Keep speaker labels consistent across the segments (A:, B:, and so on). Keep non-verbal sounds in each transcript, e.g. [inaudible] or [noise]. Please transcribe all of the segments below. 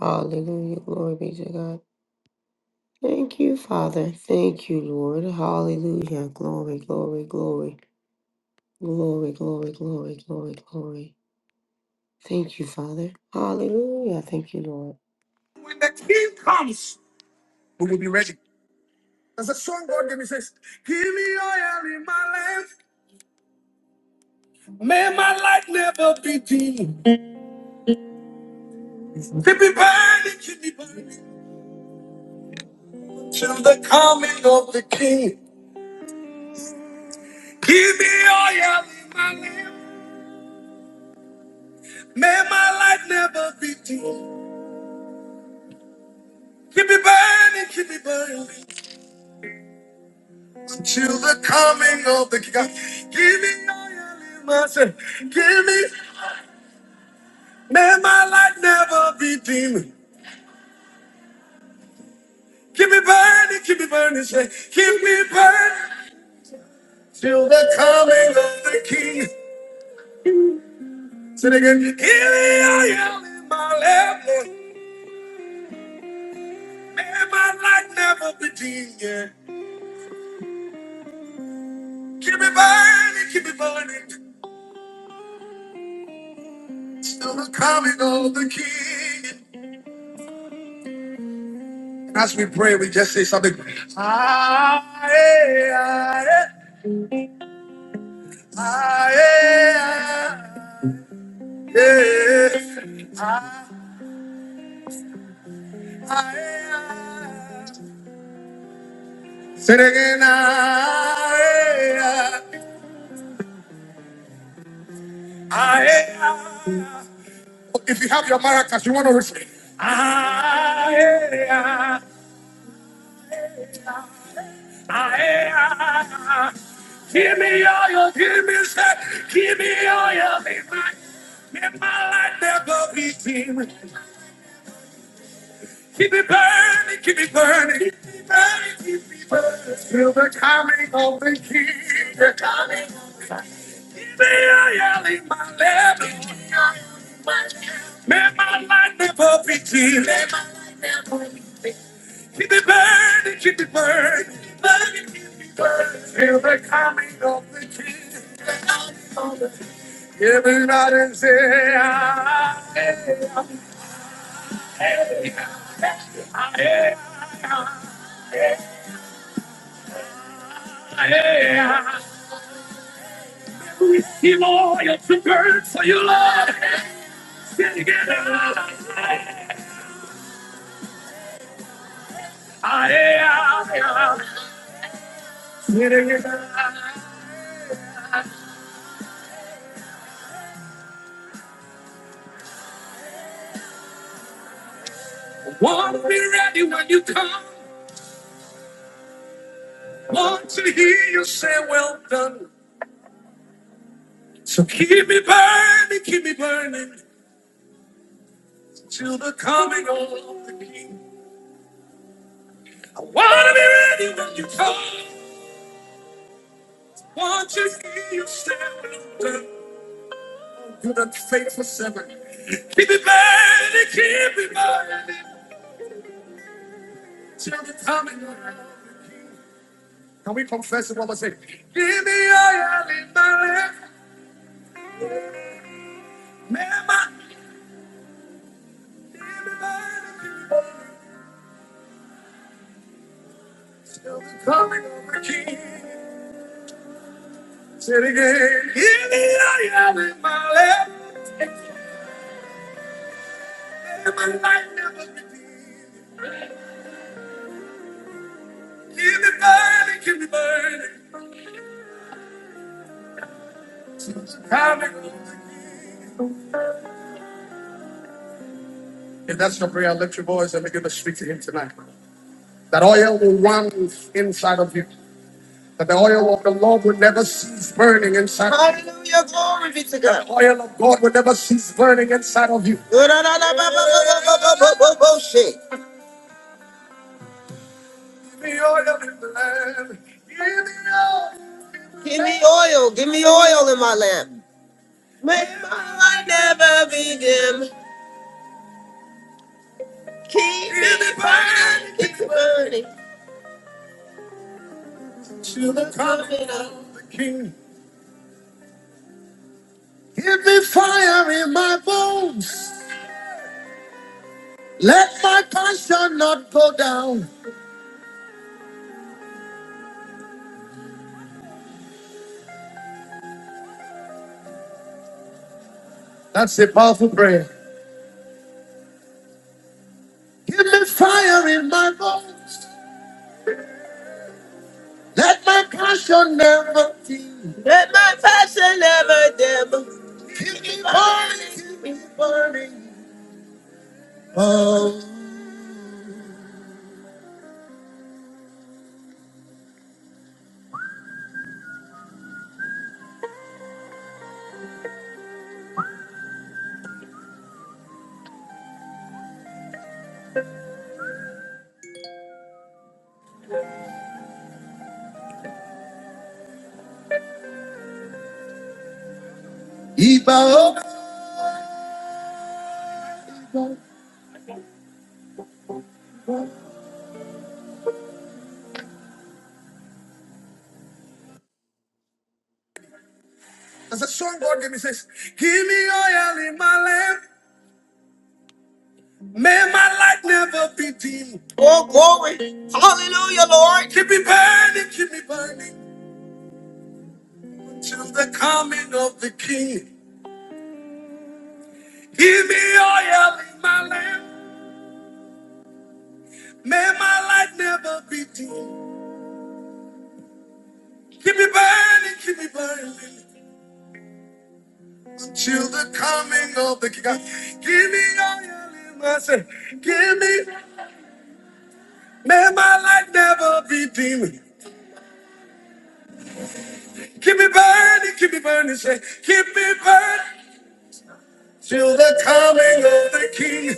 A: Hallelujah. Glory be to God. Thank you, Father. Thank you, Lord. Hallelujah. Glory, glory, glory. Glory, glory, glory, glory, glory. Thank you, Father. Hallelujah. Thank you, Lord. When the king comes, we will be ready. There's a song God gave me says, Give me oil in my lamp. May my light never be dim. To be burning, to be burning. Till the coming of the king. Give me oil in my lamp. May my light never be dim. Keep me burning, keep me burning until the coming of the King. Give me oil in my sin. Give me, may my light never be dim. Keep me burning, keep me burning, say, keep me burning till the coming of the King. Say it again, give me oil in my lamp, Lord. May my light never be dim. Yeah. Keep me burning, keep me burning till the coming of the King. As we pray, we just say something. Ah, eh, ah, eh, ah, eh, ah, eh, ah, ah, eh, ah. Say it again. Ah, eh, ah, ah, eh, ah. If you have your maracas, you want to receive. Ah, eh, ah, ah, eh, ah. Give me all your, give me, say, give me all your, me, my, me, my life never be dim. Keep it burning, keep it burning, keep it burning, keep it burning. Feel the coming of the King. The coming of the King. Give me a yell in my lap. Give my lap. May my light never be dim. May my light never be dim. Keep it burning, keep it burning, keep it burning, keep it burning. Feel the coming of the King. The coming of the King. Give it out and say, "Ah, eh, ah, eh, ah, eh." Yeah. He loyal to burn for your love. Get it, get it. Ah, yeah, yeah. Get it, get it. Want to be ready when you come. Want to hear you say, well done. So keep me burning, keep me burning till the coming of the King. I want to be ready when you come. Want to hear you say, well done. Good and faithful servant. Keep me burning, keep me burning. till the coming of the King. Can we confess it one more time? Give me oil in my lamp, Mama. Give me oil till the coming of the King. Say it again. Give me oil in my lamp, and my light never be dim. Keep me burning, keep me burning. till the coming of the King. If that's your prayer, lift your voice and begin to speak to him tonight. That oil will run inside of you. That the oil of the Lord will never cease burning inside of you. Hallelujah, glory be to God. The oil of God will never cease burning inside of you. Give me oil in the lamp. Give me oil. Give me oil in my lamp. May my light never be dim. Keep me burning, keep me burning. To the coming of the King. Give me fire in my bones. Let my passion not go down. That's a powerful prayer. Give me fire in my bones. Let my passion never dim. Let my passion never dim. Keep me burning, keep me burning. Oh, Iba. As a song God gave me says, Give me oil in my lamp. May my light never be dim. Oh, glory. Hallelujah, Lord. Keep me burning, keep me burning. to the coming of the King. Give me oil in my lamp. May my light never be dim. Keep me burning, keep me burning till the coming of the King. Give me oil in my lamp. Give me, may my light never be dim. Keep me burning, keep me burning, say, keep me burning till the coming of the King.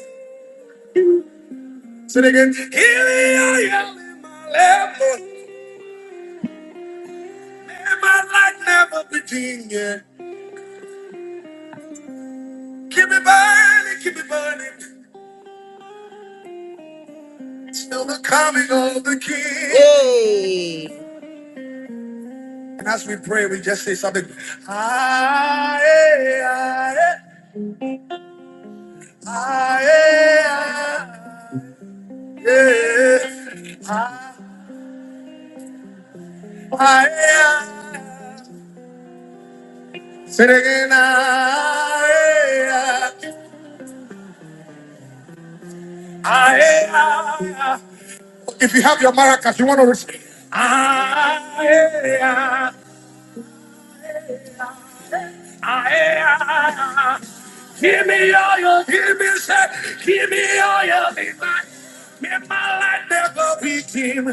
A: Say it again. Give me oil in my lamp. May my light never be dim. Keep it burning, keep it burning till the coming of the King. Hey. And as we pray, we just say something. Aye, aye, aye, aye, yeah. Aye, aye, aye. Say it again. Aye, aye, aye, aye. If you have your maracas, you want to receive. Aye, aye, aye, aye, Give me all your, give me say, give me all your, make my, make my light never be dim.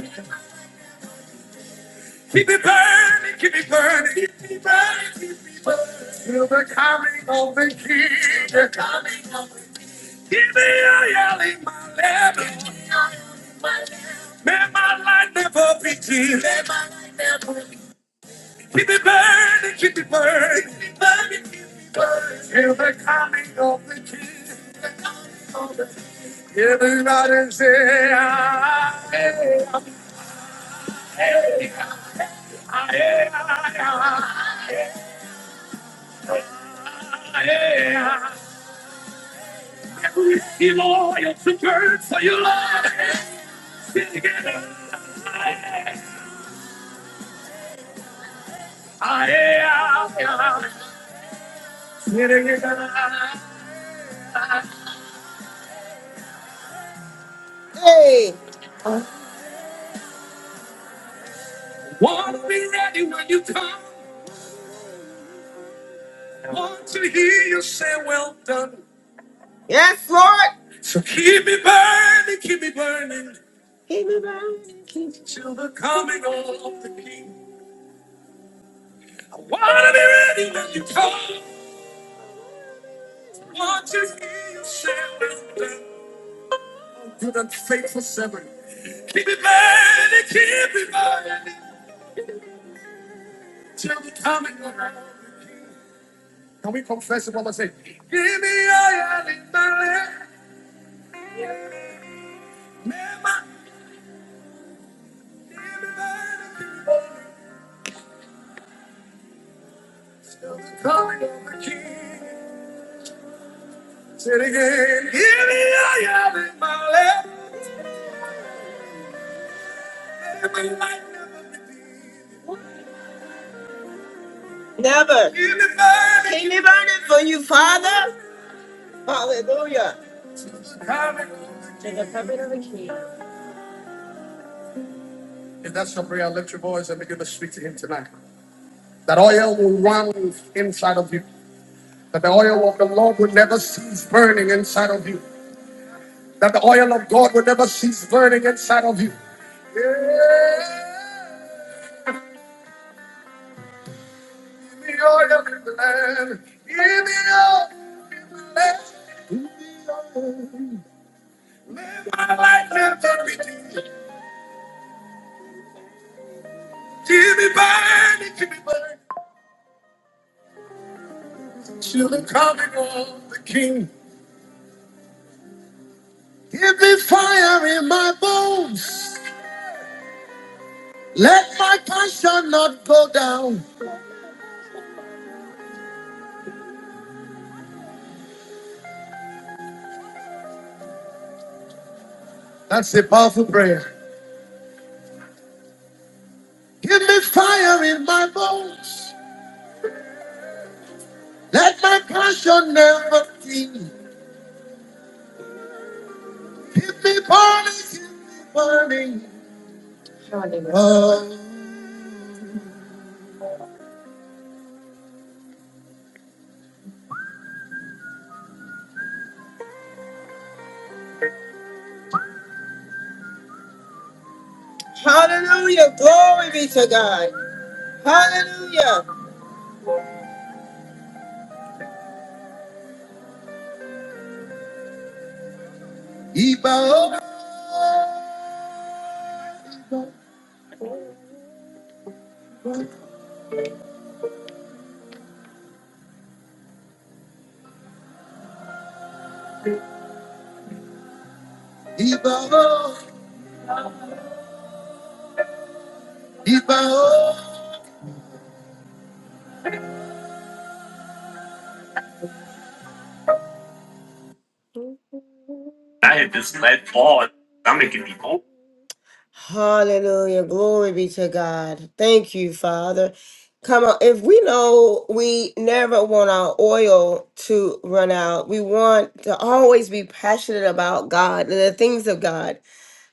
A: Keep it burning, keep it burning, keep me burning, keep me burning. Till the coming of the King, the coming of the King. Give me all your, in my lamp. Give me all your, in my lamp. May my light never be dim. May my light never be dim. Keep it burning, keep it burning, keep it burning, keep it burning. Till the coming of the King. Everybody say, "Ah, eh, ah, eh, ah, eh, ah, ah, eh, ah, eh, ah." Be loyal to church, so you love it. Together. Ah, eh, ah, ah. Together. Hey. Wanna be ready when you come. Want to hear you say, well done. Yes, Lord. So keep me burning, keep me burning Keep me burning. Keep me till the coming of the King. I wanna be ready when you come. Want to hear you say, "You're the faithful servant." Keep me burning, keep me burning till the coming of the King. Can we confess it one more time? Give me a hand in the land. Never, give me burning, keep me burning. Still the calling of the king. Say it again. Here we are, I am in my life. My life never repeated. Never. Keep me burning. Keep me burning for you, Father. Hallelujah. Till the coming of the king. If that's your prayer, lift your voice and begin to speak to him tonight. That oil will run inside of you. That the oil of the Lord will never cease burning inside of you. That the oil of God will never cease burning inside of you. Yeah. the oil in the land. Give the oil in the land. Live my life, live for me. Give me burning, give me burning. Till the coming of the King. Give me fire in my bones. Let my passion not go down. That's a powerful prayer. Give me fire in my bones. Let my passion never flee. Keep me burning, keep me burning. Hallelujah. Glory be to God. Hallelujah. Ibao, Ibao, Ibao. I had just let ball. I'm making me old. Hallelujah. Glory be to God. Thank you, Father. Come on. If we know we never want our oil to run out, we want to always be passionate about God and the things of God.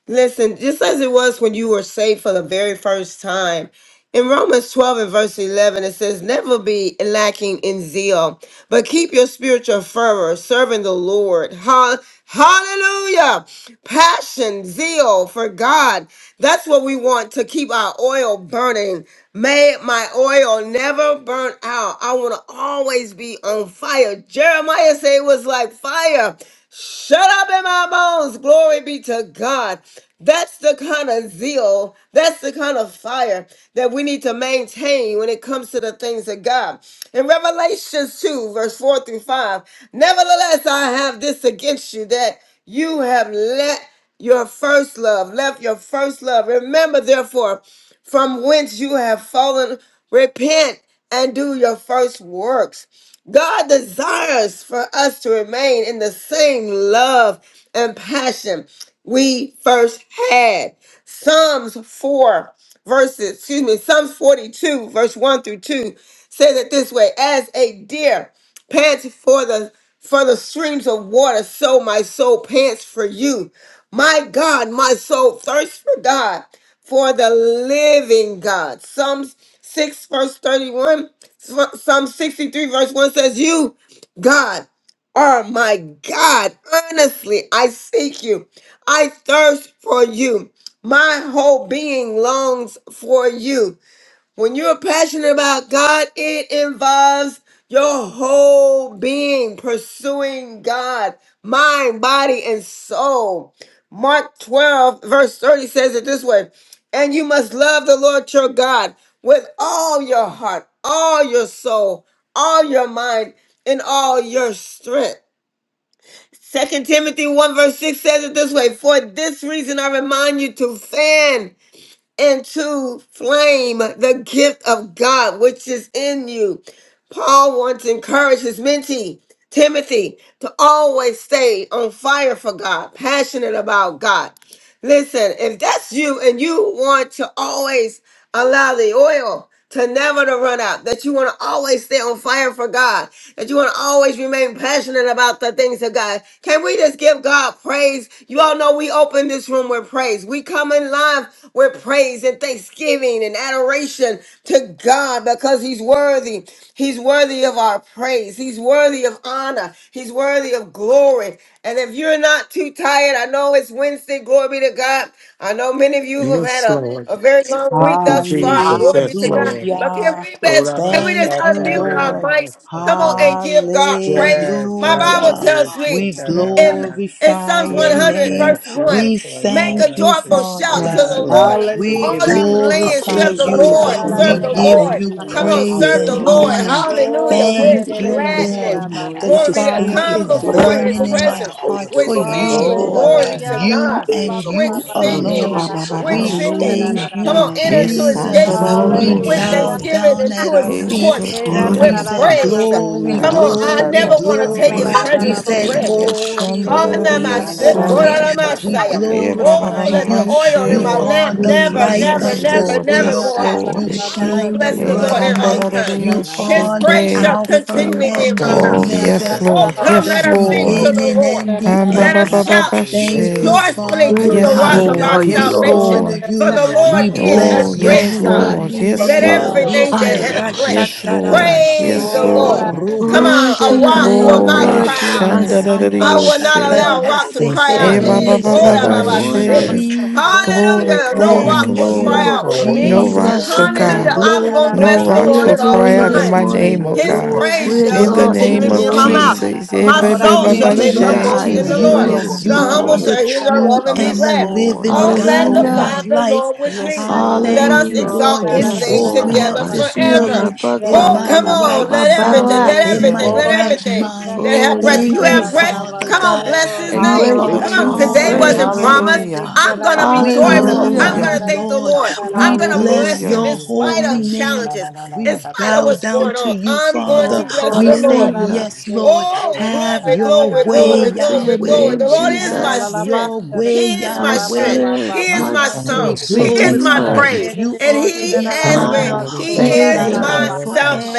A: Listen, just as it was when you were saved for the very first time. In Romans 12 and verse 11, it says, Never be lacking in zeal, but keep your spiritual fervor, serving the Lord. Hall- Hallelujah. Passion, zeal for God. That's what we want to keep our oil burning. May my oil never burn out. I want to always be on fire. Jeremiah said it was like fire. Shut up in my bones. Glory be to God. That's the kind of zeal, that's the kind of fire that we need to maintain when it comes to the things of God. In Revelations 2, verse 4 through 5, nevertheless, I have this against you that you have let your first love, left your first love. Remember, therefore, from whence you have fallen, repent and do your first works. God desires for us to remain in the same love and passion we first had. Psalms 4, verses, excuse me, Psalms 42, verse 1 through 2 says it this way As a deer pants for the for the streams of water, so my soul pants for you. My God, my soul thirsts for God for the living God. Psalms 6, verse 31, Psalm 63, verse 1 says, You, God, are my God. Earnestly, I seek you. I thirst for you. My whole being longs for you. When you're passionate about God, it involves your whole being pursuing God, mind, body, and soul. Mark 12, verse 30 says it this way And you must love the Lord your God with all your heart, all your soul, all your mind, and all your strength. Second Timothy 1 verse 6 says it this way For this reason I remind you to fan and to flame the gift of God which is in you. Paul wants to encourage his mentee, Timothy, to always stay on fire for God, passionate about God. Listen, if that's you and you want to always allow the oil to never to run out, that you want to always stay on fire for God, that you want to always remain passionate about the things of God. Can we just give God praise? You all know we open this room with praise. We come in live with praise and thanksgiving and adoration to God because He's worthy. He's worthy of our praise. He's worthy of honor. He's worthy of glory. And if you're not too tired, I know it's Wednesday, glory be to God. I know many of you have
B: Yes,
A: had a,
B: Lord.
A: a very long
B: Thank
A: week
B: you,
A: thus far,
B: Jesus.
A: glory be
B: Yes,
A: to God.
B: Lord.
C: Thank
A: But can
D: Hallelujah.
A: we, best, can we just
D: Thank you,
A: unmute our
D: Lord.
A: mics Come on
B: Orabasataririyasatara.
A: and
C: you,
A: give God
C: Jesus.
A: praise.
B: Yes,
C: Hallelujah.
A: My Bible
D: Hallelujah.
A: tells
C: Glory to
A: me
D: We
C: your name, God.
A: in,
B: Atabushataravara.
A: in
D: glorify
A: Psalms
D: your
C: Devotion
B: Lord, we
A: 100,
D: name.
B: thank
A: verse 1
B: you
D: We
B: for
A: make
C: Thank
B: allowing
A: a
D: thank
C: you,
D: you,
B: us to
A: joyful
C: Lord.
D: Father
A: shout
B: wake
A: to
E: Yes,
A: the
B: up
D: God.
E: Lord.
A: Lord.
B: to
D: We
B: give
A: All
B: you
F: Hallelujah.
A: you
G: Thank you, Father.
A: land,
B: praise.
D: glorify
A: serve the
E: Jesus,
G: Shanda
D: you.
A: Lord,
E: holy
G: Robo
E: are
D: We
A: serve
E: you.
A: the
E: We
G: Sakai.
D: give
A: Lord.
E: thank you,
D: you
A: Come
E: Lord
B: Another
A: on,
F: Ayararararararabashe.
D: praise
E: Jesus.
A: serve
D: and
A: the
G: Yela
E: Thank you
A: Lord.
B: opportunity.
E: for
G: Bosi.
D: honor.
C: Magnification.
E: Sheila, Lord.
A: Hallelujah.
B: We say
C: Hallelujah.
E: Thank
A: With
E: you,
D: Thank
E: Lord,
D: you,
E: for
B: thank you
E: this
B: for
A: gladness.
D: Lord.
E: room, Lord.
D: The
C: Yeah,
E: We
F: Orerererererabashe.
C: da,
B: all
A: Glory be
E: just
C: da,
A: to
B: that.
C: da,
E: thank
D: fire
C: da,
E: you
A: come
C: da,
D: is
E: for
C: da,
E: who you
C: da,
A: before
G: Shanda
C: da,
E: are,
A: his
C: oh,
D: burning
G: Robo
E: Lord.
D: in my
C: yeah,
A: presence
F: Tarakerererererabashe.
C: da,
G: Sakai.
C: da,
D: heart
C: da,
G: Yela
A: with
D: for
G: Robo
C: yeah, da,
E: Praise
D: you,
C: da,
E: your
G: Si.
A: singing.
E: holy
C: da,
D: Lord.
C: da,
A: Glory
C: oh,
A: be
E: name,
A: to
E: Lord.
F: Hallelujah.
C: yeah,
D: You
C: da,
A: God.
C: da, da.
G: Yela
D: and
G: Robo
A: With
D: you
B: Orabasataririyasatara.
G: Si.
C: Thank you,
E: Glory
H: Eh,
E: to
G: Yela
A: singing.
H: ba,
D: alone.
E: you,
H: ba,
C: Jesus.
G: Robo
H: ba,
E: Jesus.
A: With
H: ba,
C: God.
F: Hababababararararabashe.
D: We
G: Shanda
C: Da,
H: sh-
C: da, da,
G: Robo.
A: singing.
C: oh,
I: Hallelujah.
D: thank
A: Come
C: yeah,
D: you,
F: Tarararara.
A: on,
C: da, da,
H: eh,
A: enter
B: Mm,
C: da,
A: to
C: da, da,
B: yes,
A: his
C: da, da,
H: san, da,
I: Good
D: Jesus.
C: da,
E: Glory
H: da,
A: gates
C: da,
H: da,
C: da,
H: da,
E: to
B: yes,
D: We
C: da.
H: do,
I: morning.
E: you,
A: with
G: Oh,
H: she.
I: Good
D: bow
F: Hallelujah.
E: Lord
G: Robo
C: Yeah,
A: thanksgiving
G: Si.
C: da,
E: Jesus.
D: down
A: and
C: da,
D: at
A: to
C: da,
G: Yela
D: our
A: his
C: da,
H: Eh,
C: da, da,
G: Robo
D: feet
H: she,
A: courts
C: yeah, da,
G: Shanda
C: da, da,
D: and
C: da, da,
D: we
H: ke,
G: Robo
I: morning.
A: with
C: da,
I: We
D: said,
C: oh, yeah, da, da, da, da, da, da, da,
I: give
G: Sakai.
A: praise.
F: Rerararararabashe.
D: Glory,
A: Come on,
B: yes,
A: I
D: glory,
A: never
H: Hallelujah.
A: want to take
D: glory.
A: his
C: yeah,
I: Glory
C: da, da,
B: yes.
I: to
D: We
A: presence
C: da,
I: your
C: oh,
A: for
D: said,
F: Tarakererererabashe.
C: yeah,
I: name.
C: da,
H: Eh,
A: granted.
C: da, da,
D: Holy,
H: shan, da, da,
F: Orekererererabashe.
H: da, da,
A: Pardon my
H: yo,
D: holy,
C: Yeah, na
A: sick?
C: na na
I: Glory
C: na
D: holy.
I: to
F: Tarararararabashe.
H: saya.
C: na
I: you.
A: Hanamase,
C: bullshit.
D: We
C: Yeah,
A: koranamase.
C: da
G: Shanda
C: da
H: Eh,
C: da
H: ba,
G: Robo
C: da
H: ba, ba,
D: glorify
A: Oh,
H: ba,
C: bullshit.
A: let
C: Yeah,
G: Sakai.
H: ba,
A: the
C: da
D: you.
C: da
A: oil
C: da
G: Yela
A: in
C: da.
D: You
A: my
G: Robo
H: she.
G: Si.
I: Thank
D: are
A: lamp
D: the
I: you
B: Where's
I: for
C: Yeah,
A: never,
C: na
I: this
D: light
C: na na
A: never,
D: of
H: Yes,
C: na
I: day.
C: na
D: this
A: never,
H: Lord.
G: Yela
A: never
C: bullshit.
D: world.
H: Yes,
A: go
G: Robo
A: out.
C: Yeah, da
D: You
G: Shanda
C: da
H: Lord.
C: da
G: Robo
C: da
I: Thank
A: I
C: yeah,
A: will
C: da
D: shine
C: da
I: you
D: the
I: for
A: bless
G: Sakai.
C: bullshit.
I: your
H: Eh,
A: the
C: Yeah,
D: bright
A: Lord
I: love.
C: da
A: at
H: kan,
C: da
H: da,
A: all
C: da
D: light.
H: da, da, da,
A: times.
C: bullshit. Yeah,
H: yo,
D: You
C: na na
H: she,
C: na
A: His
D: are
F: Tarakererererabashe.
C: na
D: the
C: na na
A: praise
C: na
A: shall
H: ke.
I: Thank
C: na.
I: you for
D: Alpha
I: your
A: continually be in
D: and
A: my
D: the
I: protection.
A: mouth.
F: Oh,
H: Oh,
C: Yeah, da
G: Hallelujah.
C: da
H: yes,
C: da
D: Omega,
G: Thank
C: da
G: you,
A: Oh,
C: da
H: Lord.
G: God. Shanda Robo Sakai. Yela Robo Si. Shanda Robo Sakai. Yela Robo Si.
A: come,
G: Yela
H: Yes,
C: bullshit.
A: let
D: the
C: Yeah, da
A: us
C: da
A: sing
C: da da
H: Lord.
A: to
C: ba
A: the
D: beginning
C: ba ba
A: Lord.
D: and
C: yeah da.
D: the
H: Um, ba,
D: end.
I: Great,
A: Let
H: ba,
I: God.
A: us
H: ba,
C: Thank
H: ba,
C: you,
H: ba,
A: shout
C: Jesus.
D: Thank
H: she.
D: you,
A: joyfully
C: Hallelujah.
I: great
D: Father
A: to
C: Da
I: and
C: da
A: the
H: Yes,
D: God.
A: rock
C: bullshit.
A: of
I: mighty
C: Yeah,
A: our
I: are
H: Lord.
C: da
I: you,
D: We
C: da da
H: Yes,
C: da
I: Lord.
C: da.
A: salvation.
D: honor
H: Lord.
A: For
D: you.
A: the Lord
C: Mhm.
D: We
C: Thank
A: is
C: you, da
A: a
H: Oh,
C: da
D: bless your
I: Great
C: da.
A: great
H: yes,
I: and
A: God.
H: Lord.
I: mighty
D: holy
H: Yes,
A: Let
D: name.
H: Lord.
D: We
A: everything
I: are
D: say
A: that
I: you,
A: have
I: Lord.
A: breath
H: Yes, Lord.
A: Praise
H: Yes,
A: the
D: Rashatarabasheya
A: Lord.
H: Lord.
A: Come
D: Robo
I: Glory
A: on,
I: to
A: a
I: your
D: Sheha
A: rock will
I: name.
A: not
H: Glory,
I: Glory
D: Samba
A: cry
I: to your
G: Robo
A: out.
G: Si.
A: [laughs]
I: name.
D: Hasamba
A: I will not
H: Shandaradiose.
A: allow a
G: Shandra
A: rock to
G: Bobo
D: Shatarabase
A: cry
H: Eh,
A: out.
H: ba,
G: Sataya
H: ba,
A: Hey,
H: ba,
A: glory
I: Jesus,
H: ba,
A: to
G: Robo.
I: good
H: ba,
D: Thank
A: Baba.
D: you,
H: she.
I: morning.
D: Jesus.
G: Yeah,
H: Glory,
A: Hallelujah.
G: Robo
A: No
H: glory,
A: rock
D: Thank
A: will
G: Sitaya
A: cry
H: glory.
D: you,
A: out
G: Robo.
A: for
H: No
A: me.
G: Shandra
I: Bless
H: rocks,
G: Bobo
I: your
H: oh
D: Jesus.
A: Hallelujah.
H: God.
I: name.
A: I'm
G: Sataya.
A: going to
D: Glory,
H: No
A: bless the
I: We
H: rocks
A: Lord
H: will
A: at
D: glory,
A: all
I: adore
H: cry
I: you
H: out in
I: this
H: my
A: times.
D: glory,
H: name,
I: morning.
G: Yeah,
H: oh
A: His
H: God.
G: Robo
D: glory,
A: praise
I: We
A: shall
G: Sitaya
H: In the
I: exalt
G: Robo.
D: glory,
I: you
A: continually
H: name
A: be
I: this
H: of
A: in my
G: Shandra
D: glory.
A: mouth.
I: morning.
G: Bobo
H: Jesus. Eh,
A: My
H: ba,
D: All
G: Sataya.
H: ba,
A: soul
H: ba,
I: We
D: honor
A: shall
H: ba,
I: give
A: make
I: you
A: her
I: the
D: belongs
H: she.
D: to
A: boast in the
I: highest
G: Yeah,
A: Lord.
D: you.
I: praise
G: Robo
H: Yes,
A: The
I: this
D: You
A: humble
D: are
G: Sitaya
H: Lord.
D: the
A: shall
I: morning.
A: hear
G: Robo.
D: true
A: thereof and be
G: Shandra
D: and
H: Yes,
D: the
G: Bobo
A: glad.
H: Lord.
D: living
A: Oh,
G: Sataya.
H: Yes,
D: God of
G: Robo
H: Lord.
D: my
I: Hallelujah.
A: magnify the
D: life.
A: Lord with
H: Yes,
A: me.
D: I
A: Let
D: thank
H: Lord.
A: us
D: you,
I: Hallelujah.
D: Lord.
A: exalt
D: You
A: his
H: Yes,
A: name
D: woke me
H: Lord.
A: together
D: up
G: Sataya.
I: My
C: Yeah,
D: this
I: shield,
A: forever.
B: the
I: my
D: morning in
I: buckler,
A: Oh,
D: my
A: come
D: right
A: on.
H: Hallelujah.
I: my
A: Let
I: battle
D: sense,
A: everything, let
D: in
I: axe.
H: Hallelujah.
D: my
A: everything, let
F: Ora
D: right
A: everything
F: che da
D: mind.
A: that
F: che
I: Oh,
A: have
F: la
I: your
A: breath.
F: la
A: If
F: la
A: you
D: Thank
F: la
D: you,
A: have
F: la
I: great
F: la
A: breath,
F: la
D: Father
A: come on,
D: God.
A: bless his
F: basso.
I: and
D: You
A: name.
I: greatly
D: are
A: Come on.
I: to be
A: Today
F: Ora
H: Hallelujah.
D: honored,
F: da
A: wasn't
I: praised.
F: che
A: promised.
D: honored,
H: Hallelujah.
F: di che
D: God.
A: I'm
F: la
A: going to
F: la
A: be
D: We
F: basso da
A: joyful.
D: love
A: I'm
F: ca
I: Hallelujah.
F: la
D: you,
A: going to
H: Hallelujah.
F: la
A: thank
F: la
A: the
F: che
D: Lord.
F: la
A: Lord.
F: la
G: Shandra
A: I'm
F: la
D: We
A: going to
F: ba
D: bless
A: bless him
H: Hallelujah.
A: in
D: your
A: spite of
D: holy name.
A: challenges, in
D: We
A: spite of
D: bow
A: what's
D: down
A: going
D: to
A: on.
D: you,
A: I'm going
D: Father.
A: to
F: O
G: Bobo
A: bless
D: We
A: the
F: cora la la
D: say,
A: Lord.
G: Sataya.
F: la
I: Hallelujah.
F: ba
D: Yes,
F: de
D: Lord.
F: de de
A: Oh,
F: de ca
D: Have
F: la
A: glory,
F: la la
D: your
F: la
A: glory,
F: la
D: way,
A: glory,
I: Glory
F: ba.
I: to
A: glory,
I: your
D: Yahweh.
A: glory. The
I: name,
A: Lord is
F: La
A: my
F: la
D: Have
I: Jesus.
F: la ba
A: strength.
D: your
F: da da
D: way,
A: He
F: che
A: is
F: a
I: My
A: my
F: ba ba
A: strength.
D: Yahweh.
F: ba
A: He
F: ba
I: strength,
A: is
D: You
F: ba.
I: my
A: my
D: are to
G: Robo. Yeah,
D: be
G: Robo
A: song. He is
F: Ba
A: my
F: da
D: glorified.
I: redeemer,
F: che
A: praise.
F: de
D: You
F: de
A: And
F: de
D: are
F: che
D: to
F: la
A: he
F: la
D: be
F: la la
A: has
I: my
F: la
A: been,
D: honored.
A: he
F: basso
D: We
F: la la
A: is
F: la
D: thank
F: la
I: savior,
D: you
A: my
D: for
F: ba.
C: Yeah,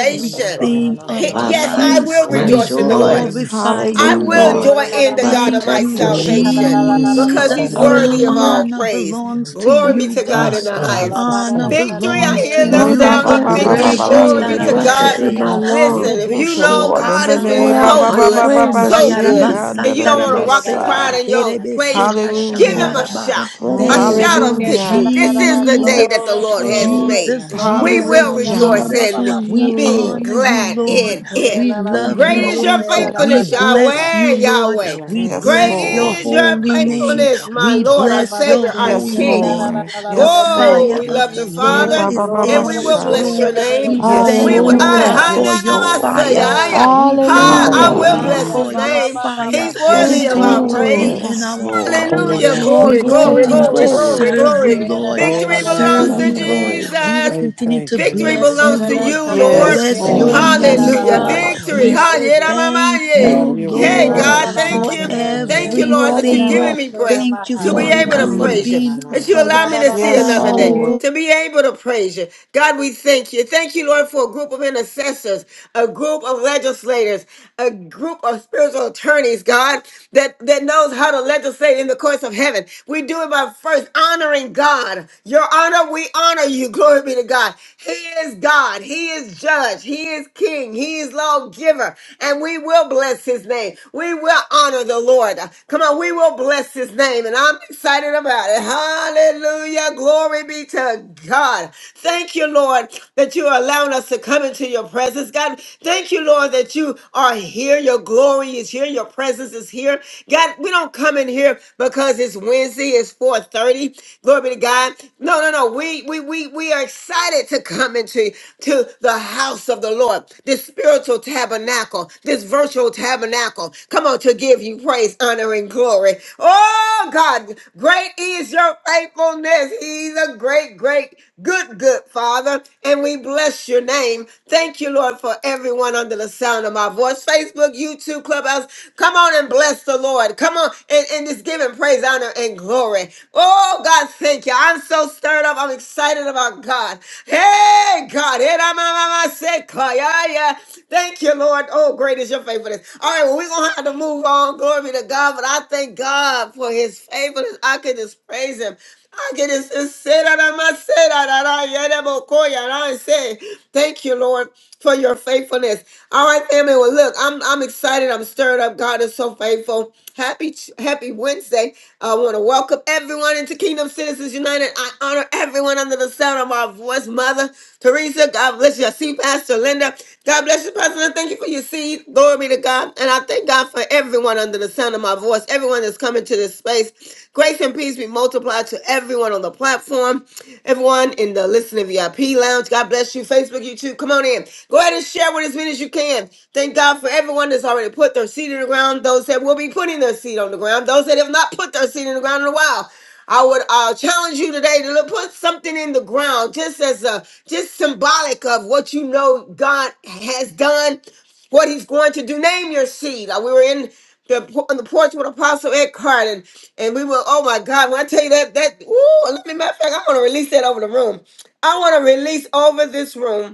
G: Sitaya Robo. Shandra
D: of
A: He-
D: our
I: my
A: yes, I
D: lives.
I: peace,
A: will
I: my
G: Bobo
D: We
A: rejoice in the Lord.
I: joy,
D: glorify
A: I
D: you,
A: will
H: Hallelujah.
D: Lord.
A: joy
F: Ora da
A: in
F: da
A: the
I: my
A: God
F: man
A: of
F: da da
D: Thank
A: my
D: you,
F: che di
I: protector.
F: ca la la
A: salvation
F: la la la
A: because he's
D: Jesus.
G: Sataya.
F: basso.
A: worthy of
G: Robo.
I: Hallelujah.
A: all
D: Honor
A: praise.
D: belongs to
A: Glory
I: You
A: be
D: you,
A: to God in
D: God.
A: the
F: Hala
A: highest.
D: Honor
F: barara kara
A: Victory, I
D: belongs to
A: hear the
H: Hey,
F: kere
I: are
H: ba
D: you.
I: the
A: sound
F: kara
H: ba
A: of
F: ra
H: ba
I: breath
F: ra
H: ba
B: We
I: that
F: ra
H: ba
I: I
F: ra
A: victory.
H: ba
B: Say
D: Resha
H: la da
A: Glory
I: breathe,
H: da
A: be
I: the
F: basura
H: yo
A: to
I: breath
B: thank
F: kara
I: that's
A: God.
F: ra
I: in
H: shit.
F: ra
I: my
D: tarabashea,
F: ra ra
J: Mm-hmm.
F: ba.
I: lungs.
A: Listen, if you
H: So
D: roboshe
A: know
H: Lord, in
A: God
H: the
A: has been
I: Pour
H: name
D: ba
H: ba
F: Vere
I: out
A: so
H: ba
I: my
H: ba
F: kere
H: ba
A: good,
F: ra
H: ba
F: ra
I: praise
H: ba
F: ra
I: unto
A: so
F: ra ra ra
H: shit
A: good,
I: you.
A: and
H: under
A: you
H: the
F: kere
A: don't want
H: yo
A: to
F: kere
A: rock
F: ra
D: hasambayarabasatarabase
A: the
F: ra ra
A: crowd
H: sa.
F: ra
A: in
F: ba.
A: your
D: derebese
A: place, give
I: Pour
A: him a
H: Hallelujah.
I: out
D: hashambaraba.
I: my
A: shout, a
D: Thank
I: praise.
D: you,
F: Vere
A: shout of
F: kere ra
A: victory.
H: Hallelujah.
F: ra
A: This
F: ra ra
A: is
F: ra
A: the
I: Pour
A: day
I: out
A: that
I: my
D: Jesus.
A: the
F: Glory,
A: Lord has
F: glory,
I: praise
A: made.
D: Jesus,
C: Hallelujah,
A: We
F: glory.
D: Jesus,
A: will
F: Haya
A: rejoice
F: baba
H: Hallelujah.
D: Jesus.
F: baba
A: and
I: unto you,
F: basta.
D: We
A: be
I: Lord.
D: honor you,
A: glad
D: Lord.
A: in it.
D: We
F: Ela la
D: love
I: Thank
A: Great
D: you,
I: you,
F: manda la
A: is your
D: Lord.
F: kera la
I: Jesus.
D: We
F: la
A: faithfulness,
F: la la la ba.
D: bless
A: Yahweh,
D: you, Lord.
A: Yahweh.
D: We
H: Yes,
A: Great
D: bless your
H: Lord.
A: is your
D: holy name.
A: faithfulness, my
D: We
F: La
A: Lord,
F: la
A: our
D: bless
F: ba la
D: your
A: Savior,
F: kira
A: our
H: Yes,
D: holy
F: kira la
A: King.
F: la la
D: name.
H: Lord.
F: la la la
D: The
H: Yes,
F: basta.
A: Oh,
D: fire
H: Lord.
A: we love
D: of the
A: you,
H: Hey,
D: Lord
A: Father,
H: ba
D: is
H: ba ba ba
A: and we
D: in
F: Glory
A: will
D: this
H: sha.
F: kira
A: bless
G: Robo
D: room.
A: your
F: kira la la
A: name.
D: We
F: la
G: Sataya.
D: thank
H: Yes,
F: la
A: We
D: thank
A: will,
F: la
D: you,
F: la la
A: I,
H: Lord.
D: God,
I: Hallelujah.
F: la.
A: hi,
D: for
A: na,
H: Yes,
A: na,
D: your
A: ma,
H: Lord.
A: say,
D: fire.
A: I, I,
F: Glory,
D: We
F: glory.
D: thank
A: hi, I
D: you,
I: Hallelujah.
A: will
D: God,
H: Hallelujah.
A: bless
F: Haya
D: for
A: his
D: your
F: baba
A: name.
F: baba
D: fire.
A: He's
F: basha
A: worthy
H: Yes,
I: Thank
A: of
I: you,
D: Continue
A: our
F: tararaba.
D: to
H: Lord.
D: be
A: praise.
I: Lord.
D: in
H: Yes,
D: our heart,
H: Lord.
C: hallelujah.
D: Lord.
A: Hallelujah.
I: You are
D: We
A: Glory,
D: will
I: great
A: glory,
I: and
D: continue to
A: glory,
F: Barala
G: Thank
I: greatly
A: glory,
F: manara
D: serve you,
A: glory.
F: kera
D: Lord.
A: Victory
G: you.
I: to
A: belongs
F: rararararara
D: Serve
I: be
A: to
D: you,
F: basha.
D: Lord.
I: praised.
D: We will
A: Jesus.
D: continue to
B: you,
A: Victory
F: Ere
B: Lord.
D: bless you,
A: belongs
F: kere
A: to
F: re
D: Lord.
A: you,
F: karara
A: Lord.
H: Yes,
B: Yes,
D: Bless
F: kere
B: Lord,
D: your
I: Thank
B: we
H: Lord.
I: you,
F: kere
H: Yes,
D: name,
B: praise you
A: Hallelujah.
F: rarararara
D: God.
B: right
H: Lord.
I: Jesus.
A: Victory.
D: We
B: now.
F: basha re
D: say
F: kere.
D: thank
A: Ha-ye-da-ma-ma-ye.
B: Have
D: you,
I: Thank
B: your
I: you,
B: way,
A: Hey,
D: Lord,
B: Lord
I: Lord.
A: God, thank
D: for
F: Bararararara
A: you.
B: Jesus. In
F: kere
B: the name
A: Thank
F: kere
A: you,
B: of-
I: You
A: Lord,
I: are
A: that
F: kere
I: the
A: you've
F: re
D: everything.
A: given
I: breath
A: me
F: basha re
A: breath
D: Thank you,
F: maha.
A: to
I: that
A: be
B: Oh,
I: we
D: Father
A: able
D: God,
B: yeah.
A: to
D: for
I: breathe.
A: praise you
B: It's
D: being our
A: that you
D: Father.
A: allow me to see
H: Yes,
F: Bararararara
A: another
D: Thank you,
A: day,
H: Lord.
D: Lord.
I: Hallelujah.
F: kere.
A: to be able to praise you. God, we thank you. Thank you, Lord, for a group of intercessors, a group of legislators, a group of spiritual attorneys, God, that, that knows how to legislate in the courts of heaven. We do it by first honoring God. Your honor, we honor you. [laughs] Glory be to God. He is God. He is judge. He is king. He is lawgiver. And we will bless his name. We will honor the Lord. Come on, we will bless his name. And I'm excited about it. Hallelujah. Glory be to God. Thank you, Lord, that you are allowing us to come into your presence. God, thank you, Lord, that you are here. Your glory is here. Your presence is here. God, we don't come in here because it's Wednesday, it's 4:30. Glory be to God. No, no, no. We we we we are excited to come into to the house of the Lord, this spiritual tabernacle, this virtual tabernacle. Come on, to give you praise, honor, and glory. Oh God, great is your faithfulness. He's a great, great, good, good Father. And we bless your name. Thank you, Lord, for everyone under the sound of my voice. Facebook, YouTube, Clubhouse. Come on and bless the Lord. Come on and, and just give him praise, honor, and glory. Oh, God, thank you. I'm so stirred up. I'm excited about God. Hey, God. Hey, da, ma, ma, ma, say, ka, ya, ya. Thank you, Lord. Oh, great is your faithfulness. All right, well, we're going to have to move on. Glory be to God. But I thank God for his faithfulness. I can just praise him. I get it it said out of my said out of my- yeah, that boy, Koya, and I don't say, Thank you, Lord, for your faithfulness. All right, family. Well, look, I'm I'm excited. I'm stirred up. God is so faithful. Happy Happy Wednesday. I want to welcome everyone into Kingdom Citizens United. I honor everyone under the sound of my voice, Mother. Teresa, God bless you. I see Pastor Linda. God bless you, Pastor Linda. Thank you for your seed. Glory be to God. And I thank God for everyone under the sound of my voice, everyone that's coming to this space. Grace and peace be multiplied to everyone on the platform, everyone in the listening VIP lounge. God bless you. Facebook, YouTube, come on in. Go ahead and share with as many as you can. Thank God for everyone that's already put their seed in the ground, those that will be putting their seed on the ground, those that have not put their seed in the ground in a while. I would uh, challenge you today to look, put something in the ground, just as a just symbolic of what you know God has done, what He's going to do. Name your seed. Uh, We were in the on the porch with Apostle Ed Carter, and, and we were. Oh my God! When I tell you that, that ooh, let me matter of fact, I want to release that over the room. I want to release over this room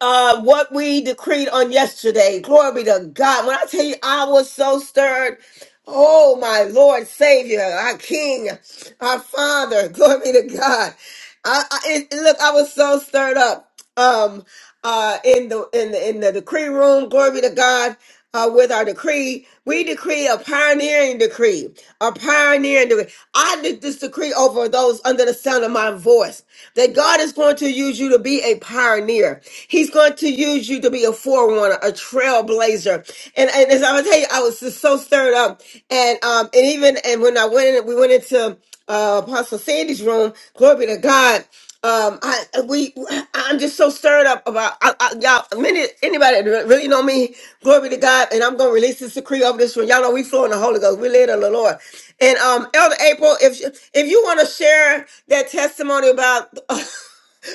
A: uh what we decreed on yesterday. Glory be to God. When I tell you I was so stirred. Oh my Lord Savior, our King, our Father, [laughs] glory be to God. I, I it, look, I was so stirred up. Um, uh, in the in the in the decree room, glory be to God. Uh, with our decree, we decree a pioneering decree, a pioneering decree. I did this decree over those under the sound of my voice that God is going to use you to be a pioneer. He's going to use you to be a forerunner, a trailblazer. And, and as I was tell you, I was just so stirred up, and um, and even and when I went in, we went into uh, Apostle Sandy's room. Glory be to God. Um, I we I'm just so stirred up about I, I, y'all. Many anybody that really know me, glory be to God. And I'm gonna release this decree over this one. Y'all know we flow in the Holy Ghost. We live in the Lord. And um, Elder April, if if you want to share that testimony about [laughs]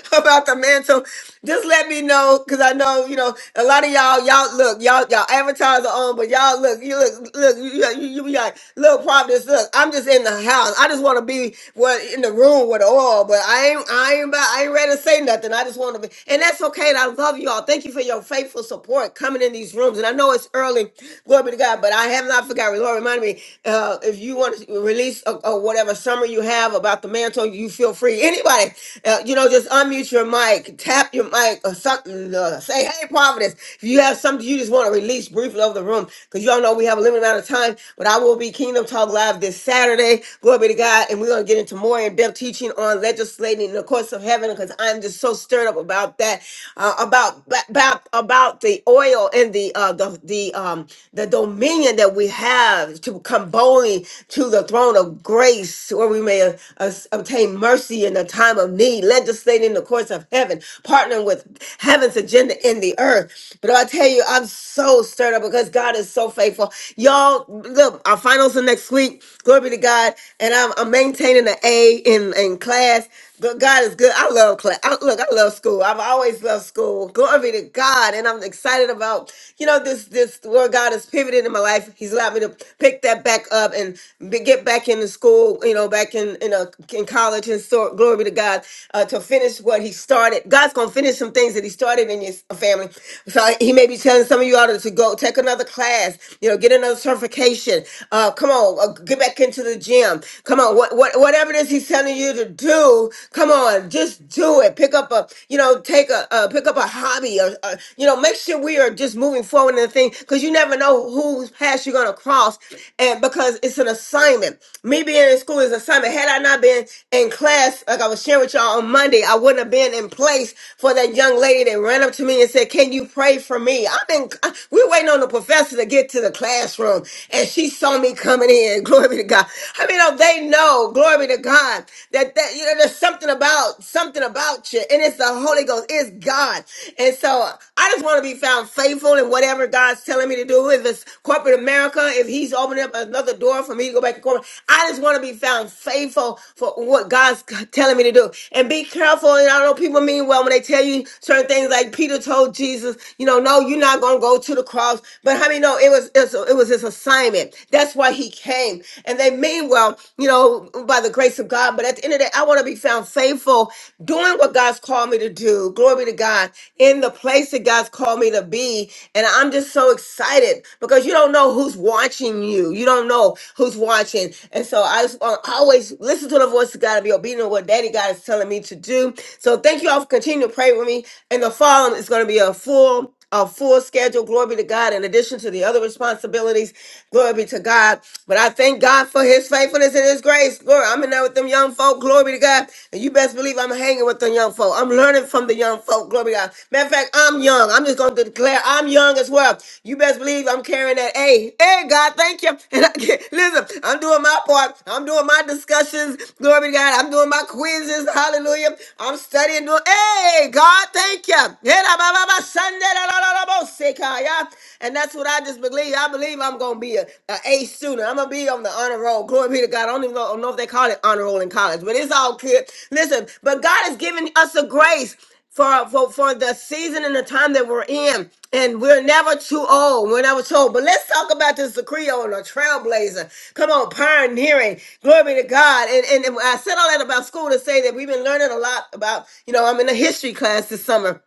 A: [laughs] about the mantle. Just let me know, cause I know you know a lot of y'all. Y'all look, y'all y'all advertiser on, but y'all look, you look, look, you you, you be like, look, Providence, look. I'm just in the house. I just want to be what in the room with the oil, but I ain't, I ain't, about, I ain't ready to say nothing. I just want to be, and that's okay. And I love you all. Thank you for your faithful support coming in these rooms. And I know it's early, glory be to God, but I have not forgotten. Lord, remind me uh, if you want to release or whatever summer you have have about the mantle, you feel free. Anybody, uh, you know, just unmute your mic, tap your mic or something. Uh, say, hey, Providence, if you have something you just want to release briefly over the room, because y'all know we have a limited amount of time, but I will be Kingdom Talk Live this Saturday. Glory be to God. And we're going to get into more in depth teaching on legislating in the courts of heaven, because I'm just so stirred up about that, uh, about, about, about the oil and the, uh, the, the, um, the dominion that we have to convulse boldly to the throne of grace where we may uh, us- obtain mercy in the time of need, legislating the courts of heaven, partnering with heaven's agenda in the earth. But I tell you, I'm so stirred up because God is so faithful. Y'all, look, our finals are next week. Glory be to God. And I'm, I'm maintaining an A in, in class. But God is good. I love class. I, look, I love school. I've always loved school. Glory be to God. And I'm excited about, you know, this this this Lord God has pivoted in my life. He's allowed me to pick that back up and be, get back into school, you know, back in in, a, in college. And so, glory be to God uh, to finish what He started. God's gonna finish some things that He started in your s- family. So He may be telling some of you all to go take another class, you know, get another certification. Uh, come on, uh, get back into the gym. Come on, what, what whatever it is He's telling you to do, come on, just do it. Pick up a, you know, take a uh, pick up a hobby hobby or, or, you know make sure we are just moving forward in the thing because you never know whose path you're going to cross and because it's an assignment me being in school is an assignment had i not been in class like i was sharing with y'all on monday i wouldn't have been in place for that young lady that ran up to me and said can you pray for me i've been I- we're waiting on the professor to get to the classroom and she saw me coming in [laughs] glory be to god i mean oh, they know glory be to god that that you know there's something about something something about you. And it's the Holy Ghost. It's God. And so I just want to be found faithful in whatever God's telling me to do. If it's corporate America, if he's opening up another door for me to go back to corporate, I just want to be found faithful for what God's telling me to do. And be careful. And I know people mean well when they tell you certain things like Peter told Jesus, you know, no, you're not going to go to the cross. But how many know it was, it was, it was his assignment. That's why he came. And they mean well, you know, by the grace of God. But at the end of the day, I want to be found faithful doing what God's called me to do. Glory be to God in the place that God's called me to be. And I'm just so excited because you don't know who's watching you. You don't know who's watching. And so I just want to always listen to the voice of God and be obedient to what Daddy God is telling me to do. So thank you all for continuing to pray with me. And the following is going to be a full a full schedule. Glory be to God. In addition to the other responsibilities, glory be to God. But I thank God for His faithfulness and His grace. Glory, I'm in there with them young folk. Glory be to God. And you best believe I'm hanging with them young folk. I'm learning from the young folk. Glory be to God. Matter of fact, I'm young. I'm just going to declare I'm young as well. You best believe I'm carrying that. Hey, hey, God, thank you. [laughs] And I get, listen, I'm doing my part. I'm doing my discussions. Glory be to God. I'm doing my quizzes. Hallelujah. I'm studying. Doing, hey, God, thank you. Sandalalalalabosekaya. And that's what I just believe. I believe I'm gonna be a, a A student. I'm gonna be on the honor roll. Glory be to God. I don't even know, I don't know if they call it honor roll in college, but it's all good. Listen, but God has given us a grace for, for for the season and the time that we're in. And we're never too old. We're never too old. But let's talk about this Creole and a trailblazer. Come on, pioneering. Glory be to God. And, and and I said all that about school to say that we've been learning a lot about, you know, I'm in a history class this summer.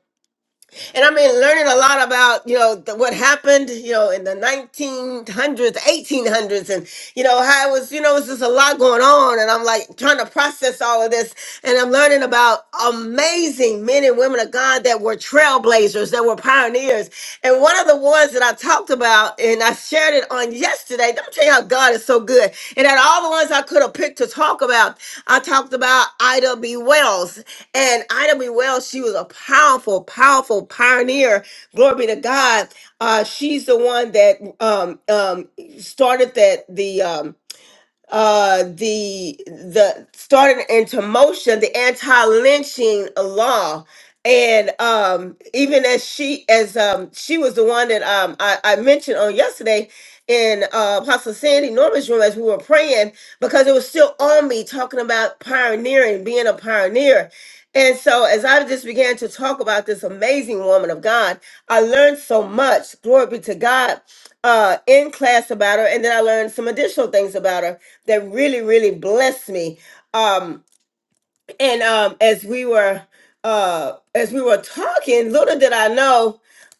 A: And I've been learning a lot about, you know, the, what happened, you know, in the 1900s, 1800s, and, you know, how it was, you know, it's just a lot going on. And I'm like trying to process all of this. And I'm learning about amazing men and women of God that were trailblazers, that were pioneers years. And one of the ones that I talked about and I shared it on yesterday, let me tell you how God is so good. And out of all the ones I could have picked to talk about, I talked about Ida B. Wells. And Ida B. Wells, she was a powerful, powerful pioneer. Glory be to God. Uh, she's the one that um, um, started that the um, uh the the started into motion the anti-lynching law and um even as she as um she was the one that um i, I mentioned on yesterday in uh apostle sandy norman's room as we were praying because it was still on me talking about pioneering being a pioneer and so as i just began to talk about this amazing woman of god i learned so much glory be to god uh in class about her and then i learned some additional things about her that really really blessed me um and um as we were uh as we were talking little did i know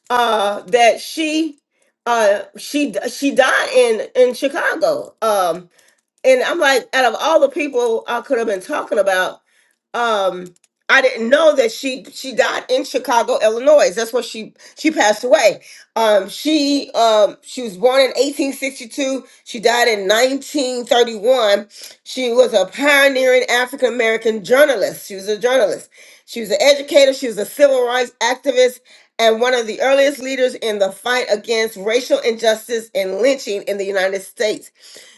A: uh that she uh she she died in in chicago um and I'm like, out of all the people I could have been talking about, um, I didn't know that she she died in Chicago, Illinois. That's where she she passed away. Um, she um she was born in 1862. She died in 1931. She was a pioneering African American journalist. She was a journalist. She was an educator. She was a civil rights activist and one of the earliest leaders in the fight against racial injustice and lynching in the United States.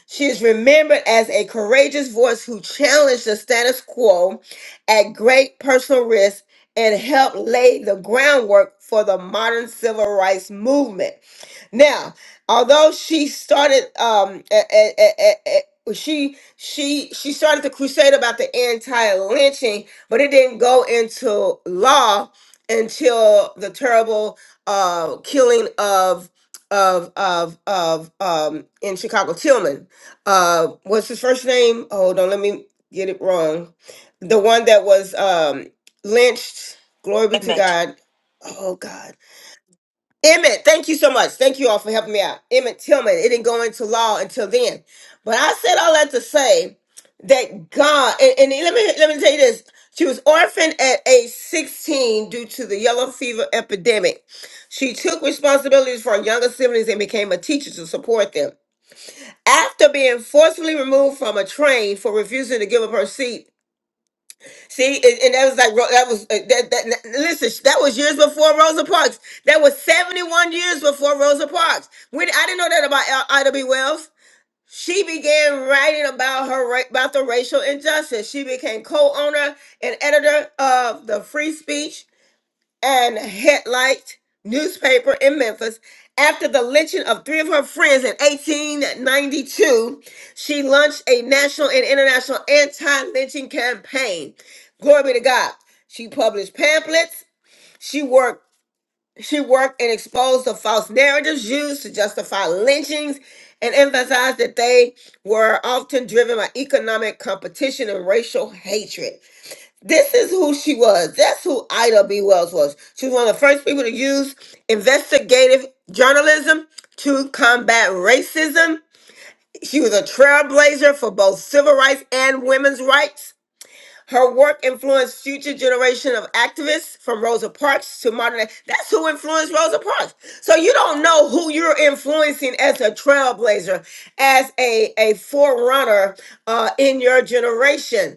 A: She is remembered as a courageous voice who challenged the status quo at great personal risk and helped lay the groundwork for the modern civil rights movement. Now, although she started, um, a- a- a- a- a- she she she started the crusade about the anti-lynching, but it didn't go into law until the terrible uh, killing of of of of um, in Chicago Tillman uh what's his first name? Hold on, let me get it wrong. The one that was um lynched, glory be to
C: Amen.
A: God. Oh God. Emmett, thank you so much. Thank you all for helping me out. Emmett Tillman, it didn't go into law until then. But I said all that to say that God and, and let me let me tell you this. She was orphaned at age 16 due to the yellow fever epidemic. She took responsibilities for her younger siblings and became a teacher to support them after being forcefully removed from a train for refusing to give up her seat. See, and, and that was like Ro- that was uh, that, that. that- Listen, sh- that was years before Rosa Parks. That was seventy-one years before Rosa Parks. When I didn't know that about L- Ida B. Wells. She began writing about her ra- about the racial injustice. She became co-owner and editor of the Free Speech and headlight newspaper in Memphis. After the lynching of three of her friends in 1892, she launched a national and international anti lynching campaign. Glory be to God. She published pamphlets. She worked. She worked and exposed the false narratives used to justify lynchings and emphasized that they were often driven by economic competition and racial hatred. This is who she was. That's who Ida B. Wells was. She was one of the first people to use investigative journalism to combat racism. She was a trailblazer for both civil rights and women's rights. Her work influenced future generation of activists from Rosa Parks to modern. That's who influenced Rosa Parks. So you don't know who you're influencing as a trailblazer, as a, a forerunner uh, in your generation.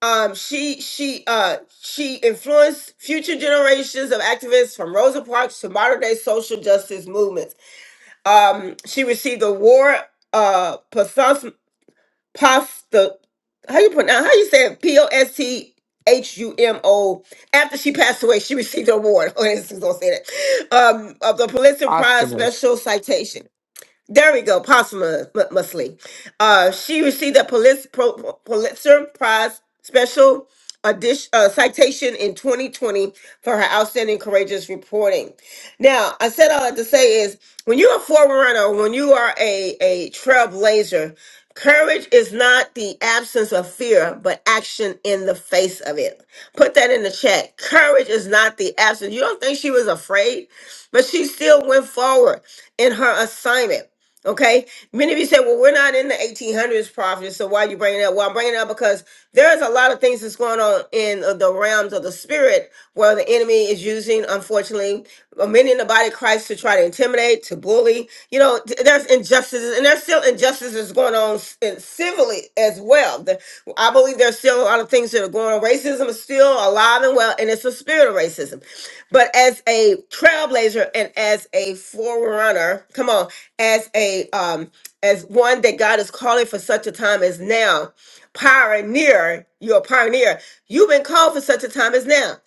A: Um, she she uh, she influenced future generations of activists from Rosa Parks to modern day social justice movements. Um, she received the award uh, Post the how you pronounce how you say it? P O S T H U M O. After she passed away, she received an award. [laughs] Oh, this is gonna say that. Um, of the Pulitzer Prize
B: posthumous.
A: Special Citation. There we go, Possuma M- Uh, she received a Pulis- Pro- Pulitzer Prize special edition, uh, citation in 2020 for her outstanding courageous reporting. Now, I said all that to say is when you're a forerunner, when you are a, a trailblazer, courage is not the absence of fear, but action in the face of it. Put that in the chat. Courage is not the absence. You don't think she was afraid, but she still went forward in her assignment. Okay, many of you say, "Well, we're not in the 1800s, prophet." So why are you bringing that?" Well, I'm bringing it up because there's a lot of things that's going on in uh, the realms of the spirit, where the enemy is using, unfortunately, uh, many in the body of Christ to try to intimidate, to bully. You know, th- there's injustices, and there's still injustices going going on s- in civilly as well. The- I believe there's still a lot of things that are going on. Racism is still alive and well, and it's a spirit of racism. But as a trailblazer and as a forerunner, come on, as a um, as one that God is calling for such a time as now, pioneer. You're a pioneer. You've been called for such a time as now.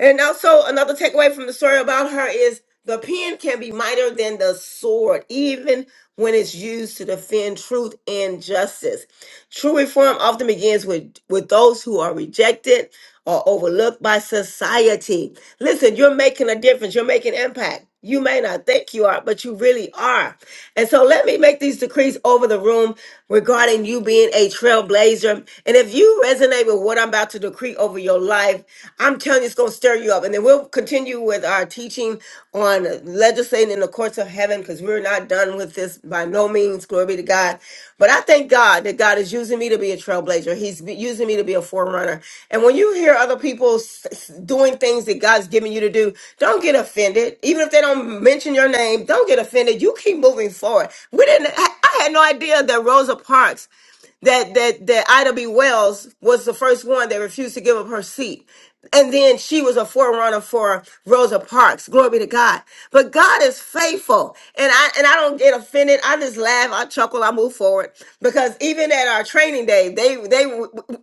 A: And also, another takeaway from the story about her is the pen can be mightier than the sword, even when it's used to defend truth and justice. True reform often begins with, with those who are rejected or overlooked by society. Listen, you're making a difference, you're making impact. You may not think you are, but you really are. And so let me make these decrees over the room regarding you being a trailblazer. And if you resonate with what I'm about to decree over your life, I'm telling you it's going to stir you up. And then we'll continue with our our teaching on legislating in the courts of heaven because we're not done with this by no means. Glory be to God. But I thank God that God is using me to be a trailblazer. He's be- using me to be a forerunner. And when you hear other people s- s- doing things that God's giving you to do, don't get offended. Even if they don't mention your name, don't get offended. You keep moving forward. We didn't, I I had no idea that Rosa Parks that that that Ida B. Wells was the first one that refused to give up her seat. And then she was a forerunner for Rosa Parks. Glory be to God. But God is faithful. And I and I don't get offended. I just laugh, I chuckle, I move forward. Because even at our training day, they they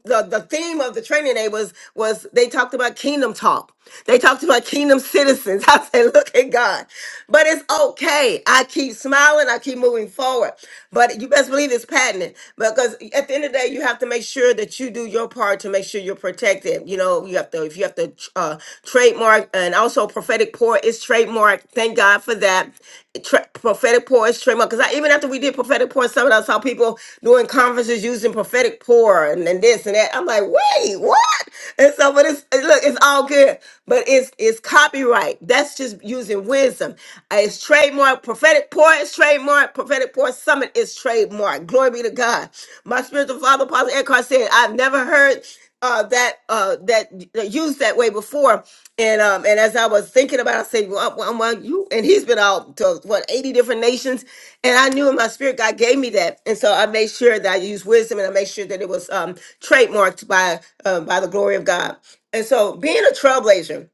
A: the, the theme of the training day was was they talked about kingdom talk. They talked about kingdom citizens. [laughs] I said, look at God. But it's okay. I keep smiling, I keep moving moving forward. But you best believe it's patented because at the end of the day, you have to make sure that you do your part to make sure you're protected. You know, you have to if you have to uh, trademark and also prophetic pour is trademark. Thank God for that. Tra- prophetic pour is trademark because even after we did prophetic pour, some of us saw people doing conferences using prophetic pour and, and this and that. I'm like, wait, what? And so, but it's it- look, it's all good, but it's it's copyright. That's just using wisdom. Uh, It's trademark. Prophetic pour is trademark. Prophetic pour summit is trademark. Glory be to God. My spiritual father, Apostle Eckhart, said, I've never heard uh, that uh, that that used that way before. And um, and as I was thinking about, it, I said, well, well, well, you and he's been out to what eighty different nations, and I knew in my spirit God gave me that, and so I made sure that I used wisdom, and I made sure that it was um, trademarked by uh, by the glory of God. And so, being a trailblazer.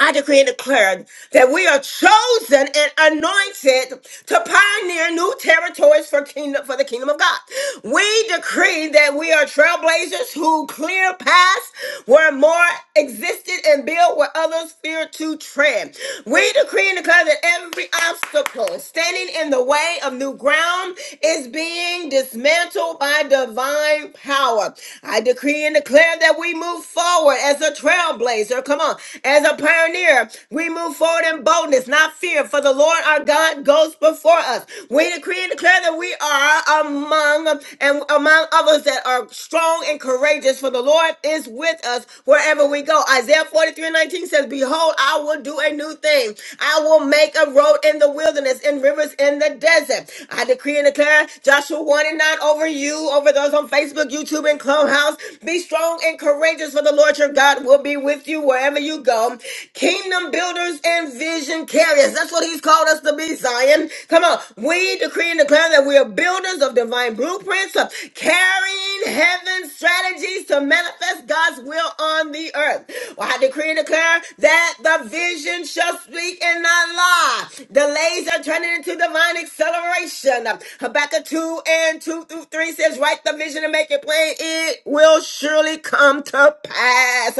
A: I decree and declare that we are chosen and anointed to pioneer new territories for kingdom for the kingdom of God. We decree that we are trailblazers who clear paths where more existed and build where others fear to tread. We decree and declare that every obstacle standing in the way of new ground is being dismantled by divine power. I decree and declare that we move forward as a trailblazer trailblazer. Come on. As a pioneer, we move forward in boldness, not fear, for the Lord our God goes before us. We decree and declare that we are among and among others that are strong and courageous, for the Lord is with us wherever we go. Isaiah 43 and 19 says, Behold, I will do a new thing. I will make a road in the wilderness and rivers in the desert. I decree and declare Joshua 1 and 9 over you, over those on Facebook, YouTube, and Clubhouse. Be strong and courageous, is, for the Lord your God will be with you wherever you go. Kingdom builders and vision carriers. That's what He's called us to be, Zion. Come on. We decree and declare that we are builders of divine blueprints, uh, carrying heaven's strategies to manifest God's will on the earth. Well, I decree and declare that the vision shall speak and not lie. Delays are turning into divine acceleration. Habakkuk 2 and 2 through 3 says, Write the vision and make it plain. It will will surely come to pass.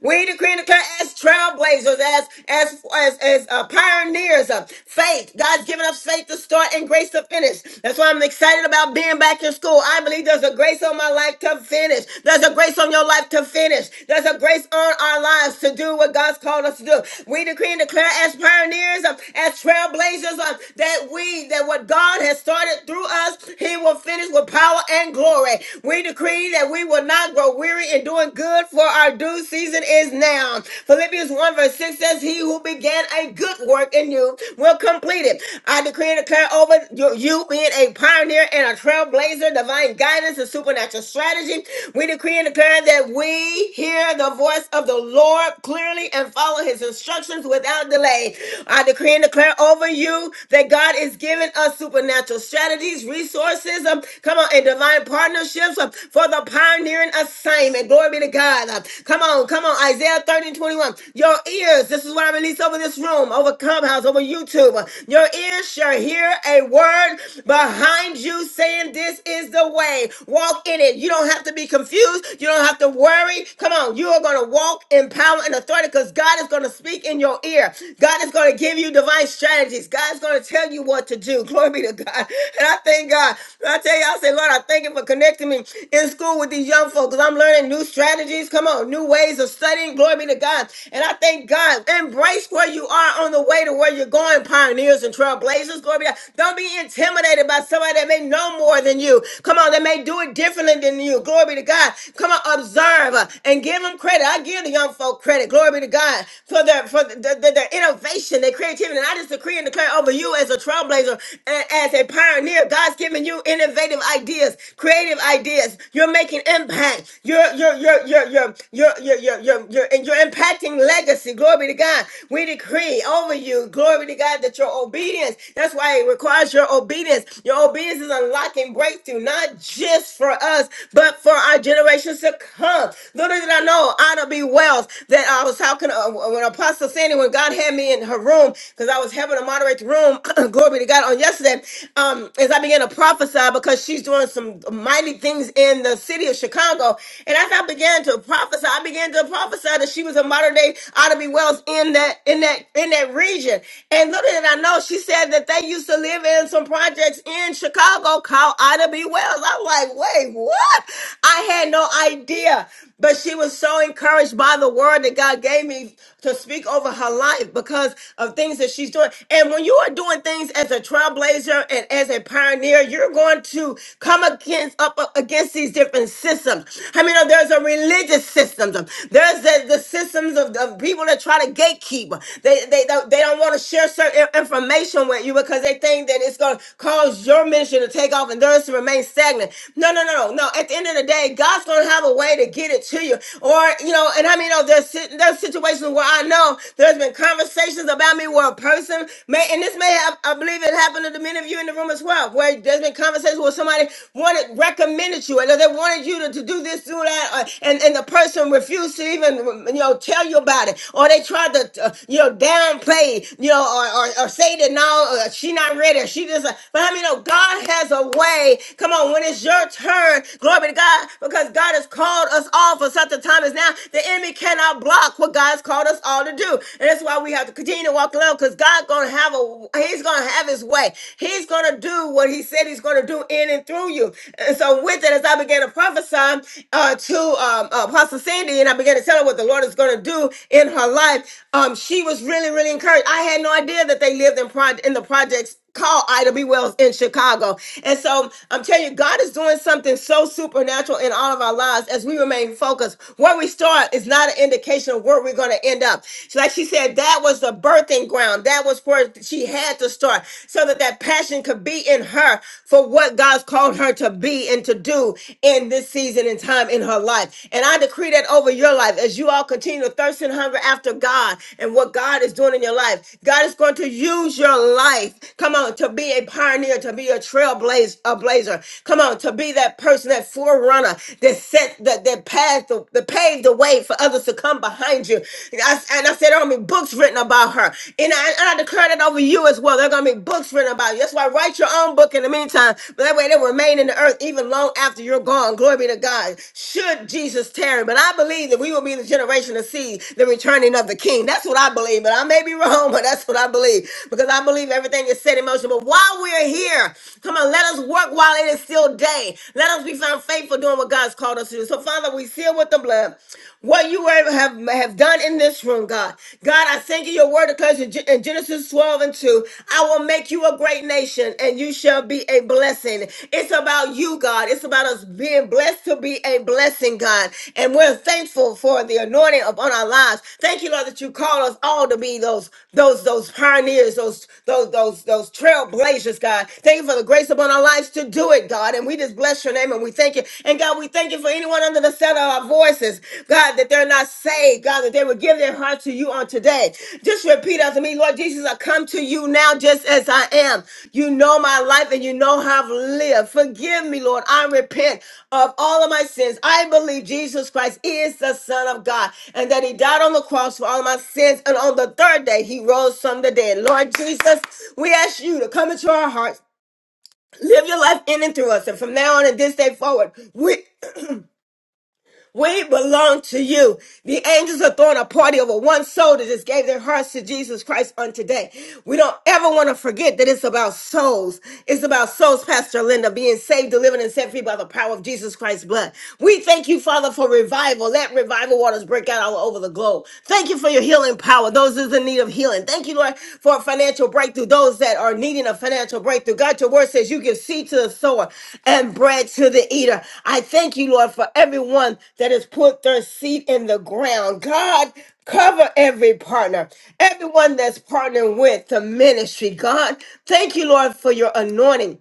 A: We decree and declare as trailblazers, as as as, as uh, pioneers of faith. God's given us faith to start and grace to finish. That's why I'm excited about being back in school. I believe there's a grace on my life to finish. There's a grace on your life to finish. There's a grace on our lives to do what God's called us to do. We decree and declare as pioneers, uh, as trailblazers, uh, that we that what God has started through us, He will finish with power and glory. We decree that we will not grow weary in doing good, for our due season is now. Philippians 1 verse 6 says, He who began a good work in you will complete it. I decree and declare over you, you being a pioneer and a trailblazer, divine guidance and supernatural strategy. We decree and declare that we hear the voice of the Lord clearly and follow his instructions without delay. I decree and declare over you that God is giving us supernatural strategies, resources, um, Come on, and divine partnerships uh, for the pioneering assignment. Glory be to God. Uh, Come on, come on. Isaiah 30 and 21. Your ears, this is what I release over this room, over Clubhouse, over YouTube. Uh, Your ears shall hear a word behind you saying, This is the way. Walk in it. You don't have to be confused. You don't have to worry. Come on, you are going to walk in power and authority because God is going to speak in your ear. God is going to give you divine strategies. God is going to tell you what to do. Glory be to God. And I thank God. I tell you, I say, Lord, I thank you for connecting me in school with these young folks. I'm learning new strategies. Come on, new ways of studying. Glory be to God. And I thank God. Embrace where you are on the way to where you're going, pioneers and trailblazers. Glory be to God. Don't be intimidated by somebody that may know more than you. Come on, that may do it differently than you. Glory be to God. Come on, observe uh, and give them credit. I give the young folk credit. Glory be to God for their for the, the, their innovation, their creativity. And I just decree and declare over you as a trailblazer trailblazer. And as a pioneer, God's giving you innovative ideas, creative ideas. You're making impact. You're you're you're you're you're you're you're you're, you're, you're and you're impacting legacy. Glory to God. We decree over you, glory to God, that your obedience. That's why it requires your obedience. Your obedience is unlocking breakthrough, not just for us, but for our generations to come. Little did I know, Anna B. Wells, that I was talking uh, when Apostle Sandy, when God had me in her room, because I was helping to moderate the room. [clears throat] Glory be to God on yesterday. Um, as I began to prophesy because she's doing some mighty things in the city of Chicago. And as I began to prophesy, I began to prophesy that she was a modern day Ida B. Wells in that in that in that region. And little did I know, she said that they used to live in some projects in Chicago called Ida B. Wells. I'm like, wait, what? I had no idea. But she was so encouraged by the word that God gave me to speak over her life because of things that she's doing. And when you are doing things as a trailblazer and as a pioneer, you're going to come against up against these different systems. I mean, uh, there's a religious system. There's the, the systems of, of people that try to gatekeep. They they don't- they don't want to share certain information with you because they think that it's going to cause your ministry to take off and theirs to remain stagnant. No, no, no, no, no. At the end of the day, God's going to have have a way to get it to you. Or, you know, and I mean, oh, there's, sit- there's situations where I know there's been conversations about me where a person may, and this may have, I believe it happened to many of you in the room as well, where there's been conversations where somebody wanted, recommended you, and they wanted you to, to do this, do that, or, and, and the person refused to even, you know, tell you about it. Or they tried to, uh, you know, downplay, you know, or, or, or say that no, uh, she not ready, she just, uh, but I mean, oh, God has a way. Come on, when it's your turn, glory be to God. God, because God has called us all for such a time as now. The enemy cannot block what God has called us all to do. And that's why we have to continue to walk alone because God gonna have a He's gonna have his way. He's gonna do what he said he's gonna do in and through you. And so with it, as I began to prophesy uh, to um, Apostle Sandy, and I began to tell her what the Lord is gonna do in her life, um, she was really, really encouraged. I had no idea that they lived in, pro- in the projects called Ida B. Wells in Chicago. And so I'm telling you, God is doing something so supernatural in all of our lives as we remain focused. Where we start is not an indication of where we're going to end up. So like she said, that was the birthing ground. That was where she had to start so that that passion could be in her for what God's called her to be and to do in this season and time in her life. And I decree that over your life as you all continue continue to thirst and hunger after God and what God is doing in your life. God is going to use your life, come on, to be a pioneer, to be a trailblazer, a blazer. Come on, to be that person, that forerunner that set that that path the, that paved the way for others to come behind you. And I, and I said there are gonna be books written about her. And I, and I declare that over you as well. There are gonna be books written about you. That's why write your own book in the meantime. But that way they remain in the the earth even long after you're gone. Glory be to God. Should Jesus tarry? But I believe that we will be the generation to see the returning of the king. That's what I believe. But I may be wrong, [laughs] but that's what I believe. Because I believe everything is set in motion. But while we're here, come on, let us work while it is still day. Let us be found faithful doing what God's called us to do. So, Father, we seal with the blood what you were- have, have done in this room, God. God, I thank you. Your word declares in Genesis 12 and 2, I will make you a great nation and you shall be a blessing. It's about you, God. It's about us being blessed to be a blessing, God. And we're thankful for the anointing upon our lives. Thank you, Lord, that you call us all to be those, those, those pioneers, those, those, those, those trailblazers, God. Thank you for the grace upon our lives to do it, God. And we just bless your name and we thank you. And God, we thank you for anyone under the sound of our voices, God, that they're not saved, God, that they would give their heart to you on today. Just repeat unto me, Lord Jesus, I come to you now just as I am. You know my life and you know how I've lived. Forgive me, Lord. I repent of all of my sins. I believe Jesus Christ is the Son of God and that He died on the cross for all of my sins. And on the third day, He rose from the dead. Lord Jesus, we ask you to come into our hearts. Live your life in and through us. And from now on and this day forward, we we belong to you. The angels are throwing a party over one soul that just gave their hearts to Jesus Christ on today. We don't ever want to forget that it's about souls. It's about souls, Pastor Linda, being saved, delivered, and set free by the power of Jesus Christ's blood. We thank you, Father, for revival. Let revival waters break out all over the globe. Thank you for your healing power. Those is in need need of healing. Thank you, Lord, for a financial breakthrough. Those that are needing a financial breakthrough. God, your word says you give seed to the sower and bread to the eater. I thank you, Lord, for everyone that has put their seed in the ground. God, cover every partner, everyone that's partnering with the ministry. God, thank you, Lord, for your anointing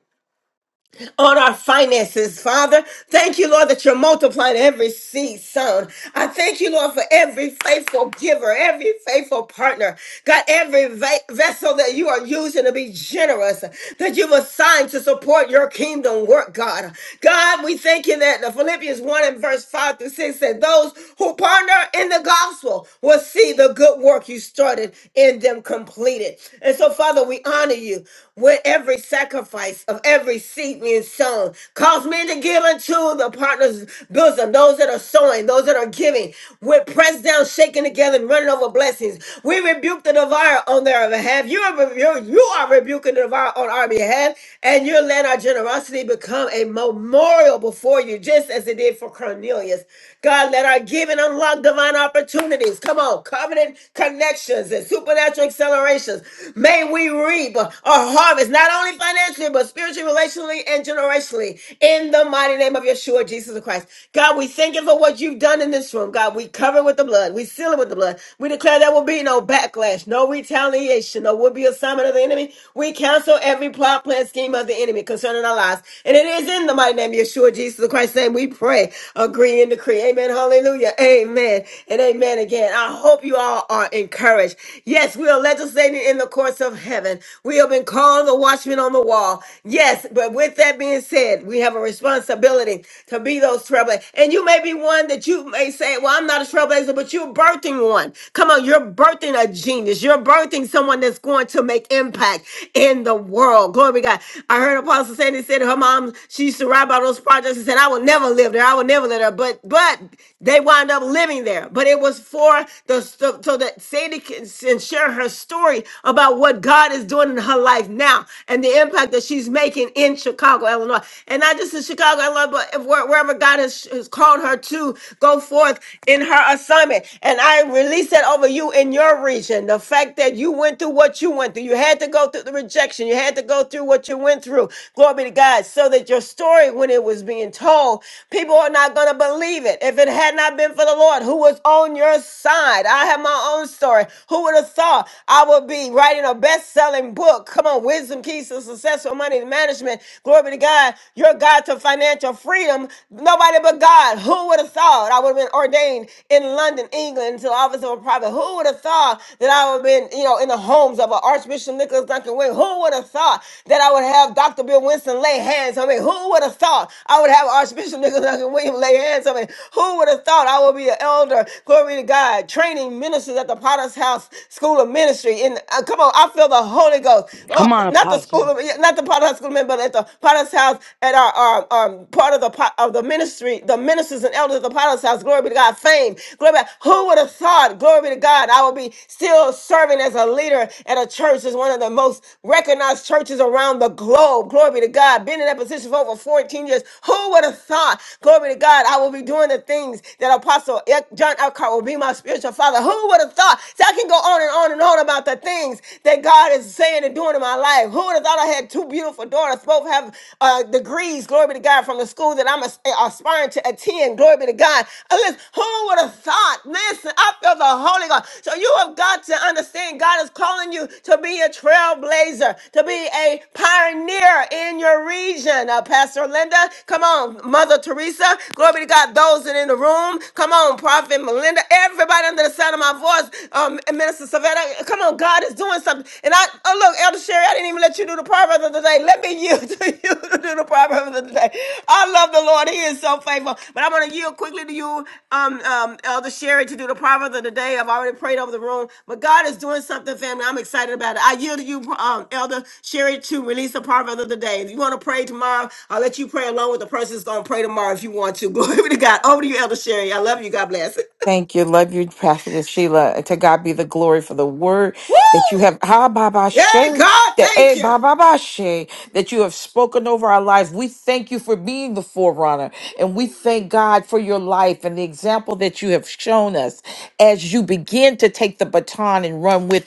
A: on our finances, Father. Thank you, Lord, that you're multiplying every seed sown. I thank you, Lord, for every faithful giver, every faithful partner. God, every va- vessel that you are using to be generous, that you've assigned to support your kingdom work, God. God, we thank you that the Philippians 1 and verse 5 through 6 said, Those who partner in the gospel will see the good work you started in them completed. And so, Father, we honor you with every sacrifice of of every seed being sown. Cause men to give unto the partners, bosom, those that are sowing, those that are giving, with pressed down, shaking together, and running over blessings. We rebuke the devourer on their behalf. You are, rebu- you are rebuking the devourer on our behalf, and you're letting our generosity become a memorial before you, just as it did for Cornelius. God, let our giving unlock divine opportunities. Come on, covenant connections and supernatural accelerations. May we reap a harvest, not only only financially, but spiritually, relationally, and generationally. In the mighty name of Yeshua, Jesus of Christ. God, we thank you for what you've done in this room. God, we cover it with the blood. We seal it with the blood. We declare there will be no backlash, no retaliation, no will be assignment of the enemy. We cancel every plot, plan, scheme of the enemy concerning our lives. And it is in the mighty name of Yeshua, Jesus of Christ's name, we pray, agree, and decree. Amen. Hallelujah. Amen. And amen again. I hope you all are encouraged. Yes, we are legislating in the courts of heaven. We have been up and call the watchman on the wall. Yes, but with that being said, we have a responsibility to be those trailblazers. And you may be one that you may say, Well, I'm not a trailblazer, but you're birthing one. Come on, you're birthing a genius. You're birthing someone that's going to make impact in the world. Glory be to God. I heard Apostle Sandy said her mom, she used to write about those projects and said, I will never live there. I will never live there. But but they wound up living there. But it was for the so so that Sandy can share her story about what God what God is doing in her life now and the impact that she's making in Chicago, Illinois. And not just in Chicago, Illinois, but if- where- wherever God has, has called her to go forth in her assignment. And I release that over you in your region. The fact that you went through what you went through, you had to go through the rejection, you had to go through what you went through. Glory be to God. So that your story, when it was being told, people are not going to believe it. If it had not been for the Lord who was on your side, I have my own story. Who would have thought? I would be writing a best selling book. Come on, Wisdom Keys to Successful Money Management. Glory be to God. Your God to financial freedom. Nobody but God. Who would have thought I would have been ordained in London, England, to the office of a prophet? Who would have thought that I would have been, you know, in the homes of a Archbishop Nicholas Duncan Wing? Who would have thought that I would have Dr. Bill Winston lay hands on me? Who would have thought I would have Archbishop Nicholas Duncan William lay hands on me? Who would have thought I would be an elder? Glory to God, training ministers at the potter's house School of Ministry. And uh, come on, I feel the Holy Ghost. Oh,
E: Come on,
A: not the
E: Apostle.
A: school of, yeah, not the Potter's School of Men, but at the Potter's house, at our um, um, part of the pot, of the ministry, the ministers and elders of the Potter's house. Glory be to God. Fame. Glory be. to God. Who would have thought? Glory be to God. I would be still serving as a leader at a church that's one of the most recognized churches around the globe. Glory be to God. Been in that position for over 14 years. Who would have thought? Glory be to God. I will be doing the things that Apostle John Eckhart will be my spiritual father. Who would have would have thought? See, I can go on and on and on about the things that God is saying and doing in my life. Who would have thought I had two beautiful daughters, both have uh, degrees, glory be to God, from the school that I'm as- uh, aspiring to attend, glory be to God. Uh, Listen, who would have thought? Listen, I feel the Holy Ghost. So you have got to understand God is calling you to be a trailblazer, to be a pioneer in your region. Uh, Pastor Linda, come on, Mother Teresa, glory be to God, those that are in the room, come on, Prophet Melinda, everybody right under the sound of my voice, um, and Minister Savannah. Come on, God is doing something. And I, oh look, Elder Sherry, I didn't even let you do the proverb of the day. Let me yield to you [laughs] to do the proverb of the day. I love the Lord; He is so faithful. But I'm going to yield quickly to you, um, um, Elder Sherry, to do the proverb of the day. I've already prayed over the room, but God is doing something, family. I'm excited about it. I yield to you, um, Elder Sherry, to release the proverb of the day. If you want to pray tomorrow, I'll let you pray along with the person that's going to pray tomorrow if you want to. [laughs] Glory to God. Over to you, Elder Sherry. I love you. God bless it.
H: Thank you. Love you, Prophetess Sheila. To God be the glory for the word that you
A: Woo!
H: have Ha, ba, ba, she,
A: Hey, God,
H: that
A: thank you.
H: ba, she, that you've spoken over our lives. We thank you for being the forerunner. And we thank God for life and the example that you have shown us as you be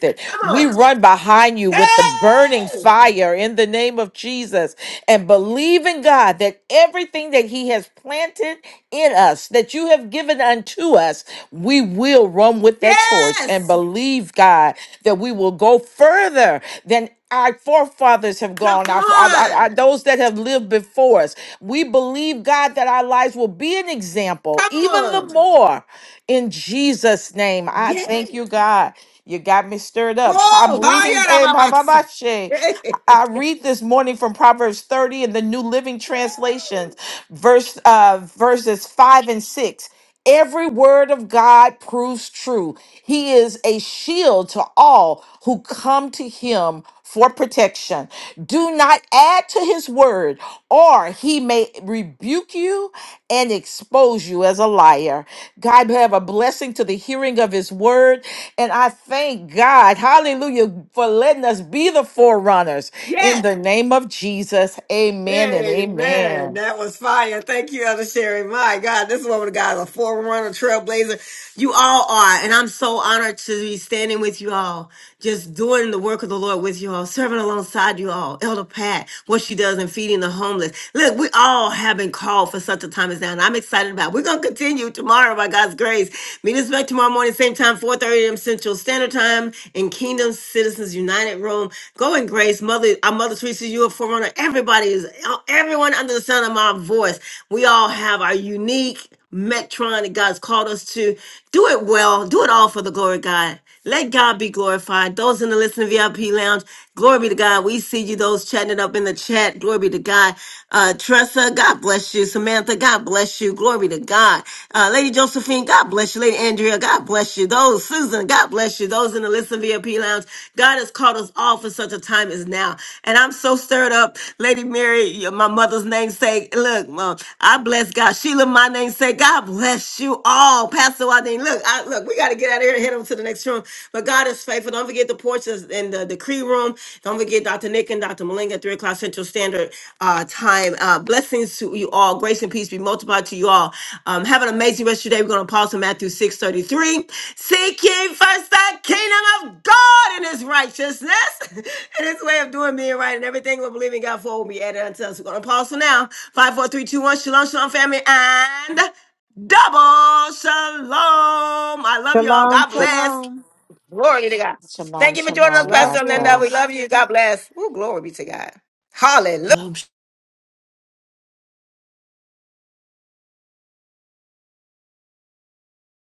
H: that.
A: Come on. Hey,
H: name of Jesus and believe in God that everything that He has planted in us, that you have given unto us, we will run with that torch and
A: yes.
H: believe, God, that we will go further than our forefathers have
A: Come
H: gone, our, our- our- our-
A: on.
H: those that have lived before us. We believe, God, that our lives will be an example,
A: Come
H: even the
A: on.
H: more. In Jesus' name, I
A: Yes.
H: thank you, God. You got me stirred up. I'm
A: Whoa.
H: reading.
A: Hi,
H: eh, ba, ba,
A: Arababas.
H: ba, she.
A: [laughs]
H: I read this morning from Proverbs 30 in the New Living Translations, verse uh, verses five and six. Every word of God proves true. He is a shield to all who come to him for protection. Do not add to his word, or he may rebuke you and expose you as a liar. God have a blessing to the hearing of his word. And I thank God, hallelujah, for letting us be the forerunners.
A: Yes.
H: In the name of Jesus, amen and
A: Hey man,
H: amen.
A: That was fire. Thank you, Elder Sherry. My God, this woman of God is a forerunner, trailblazer. You all are. And I'm so honored to be standing with you all, just doing the work of the Lord with you all, serving alongside you all. Elder Pat, what she does in feeding the homeless. Look, we all have been called for such a time as now. And I'm excited about it. We're going to continue tomorrow by God's grace. Meet us back tomorrow morning, same time, 4.30 a.m. Central. Central Standard Time in Kingdom Citizens United Room. Go in grace, Mother, our Mother Teresa, you are forerunner. Everybody is, uh, everyone under the sound of my voice. We all have our unique metron that God's called us to. Do it well. Do it all for the glory of God. Let God be glorified. Those in the listening VIP lounge, glory be to God. We see you, those chatting it up in the chat. Glory be to God. Uh, Tressa, God bless you. Samantha, God bless you. Glory be to God. Uh, Lady Josephine, God bless you. Lady Andrea, God bless you. Those, Susan, God bless you. Those in the listening VIP lounge, God has called us all for such a time as now. And I'm so stirred up. Lady Mary, my mother's namesake, look, Mom, I bless God. Sheila, my namesake, God bless you all. Pastor Wade, mean, look, I, look, we got to get out of here and head on to the next room. But God is faithful. Don't forget the porches in the decree room. Don't forget Dr. Nick and Dr. Malinga, three o'clock Central Standard uh, Time. Uh, blessings to you all. Grace and peace be multiplied to you all. Um, have an amazing rest of your day. We're going to pause on Matthew six thirty three. Seek ye first the kingdom of God and his righteousness [laughs] and his way of doing me right and everything we are believing God for will be added unto us. We're going to pause for now. Five, four, three, two, one. Shalom, shalom, family, and Double shalom. I love y'all.
F: Shalom,
A: God bless.
F: shalom.
A: Glory to God.
H: Shalom,
A: Thank you for joining us,
H: shalom.
F: Love
H: God
A: Pastor Linda.
F: you.
A: We
H: bless.
A: love you. God bless. Ooh, glory be to God. Hallelujah.
I: Shalom,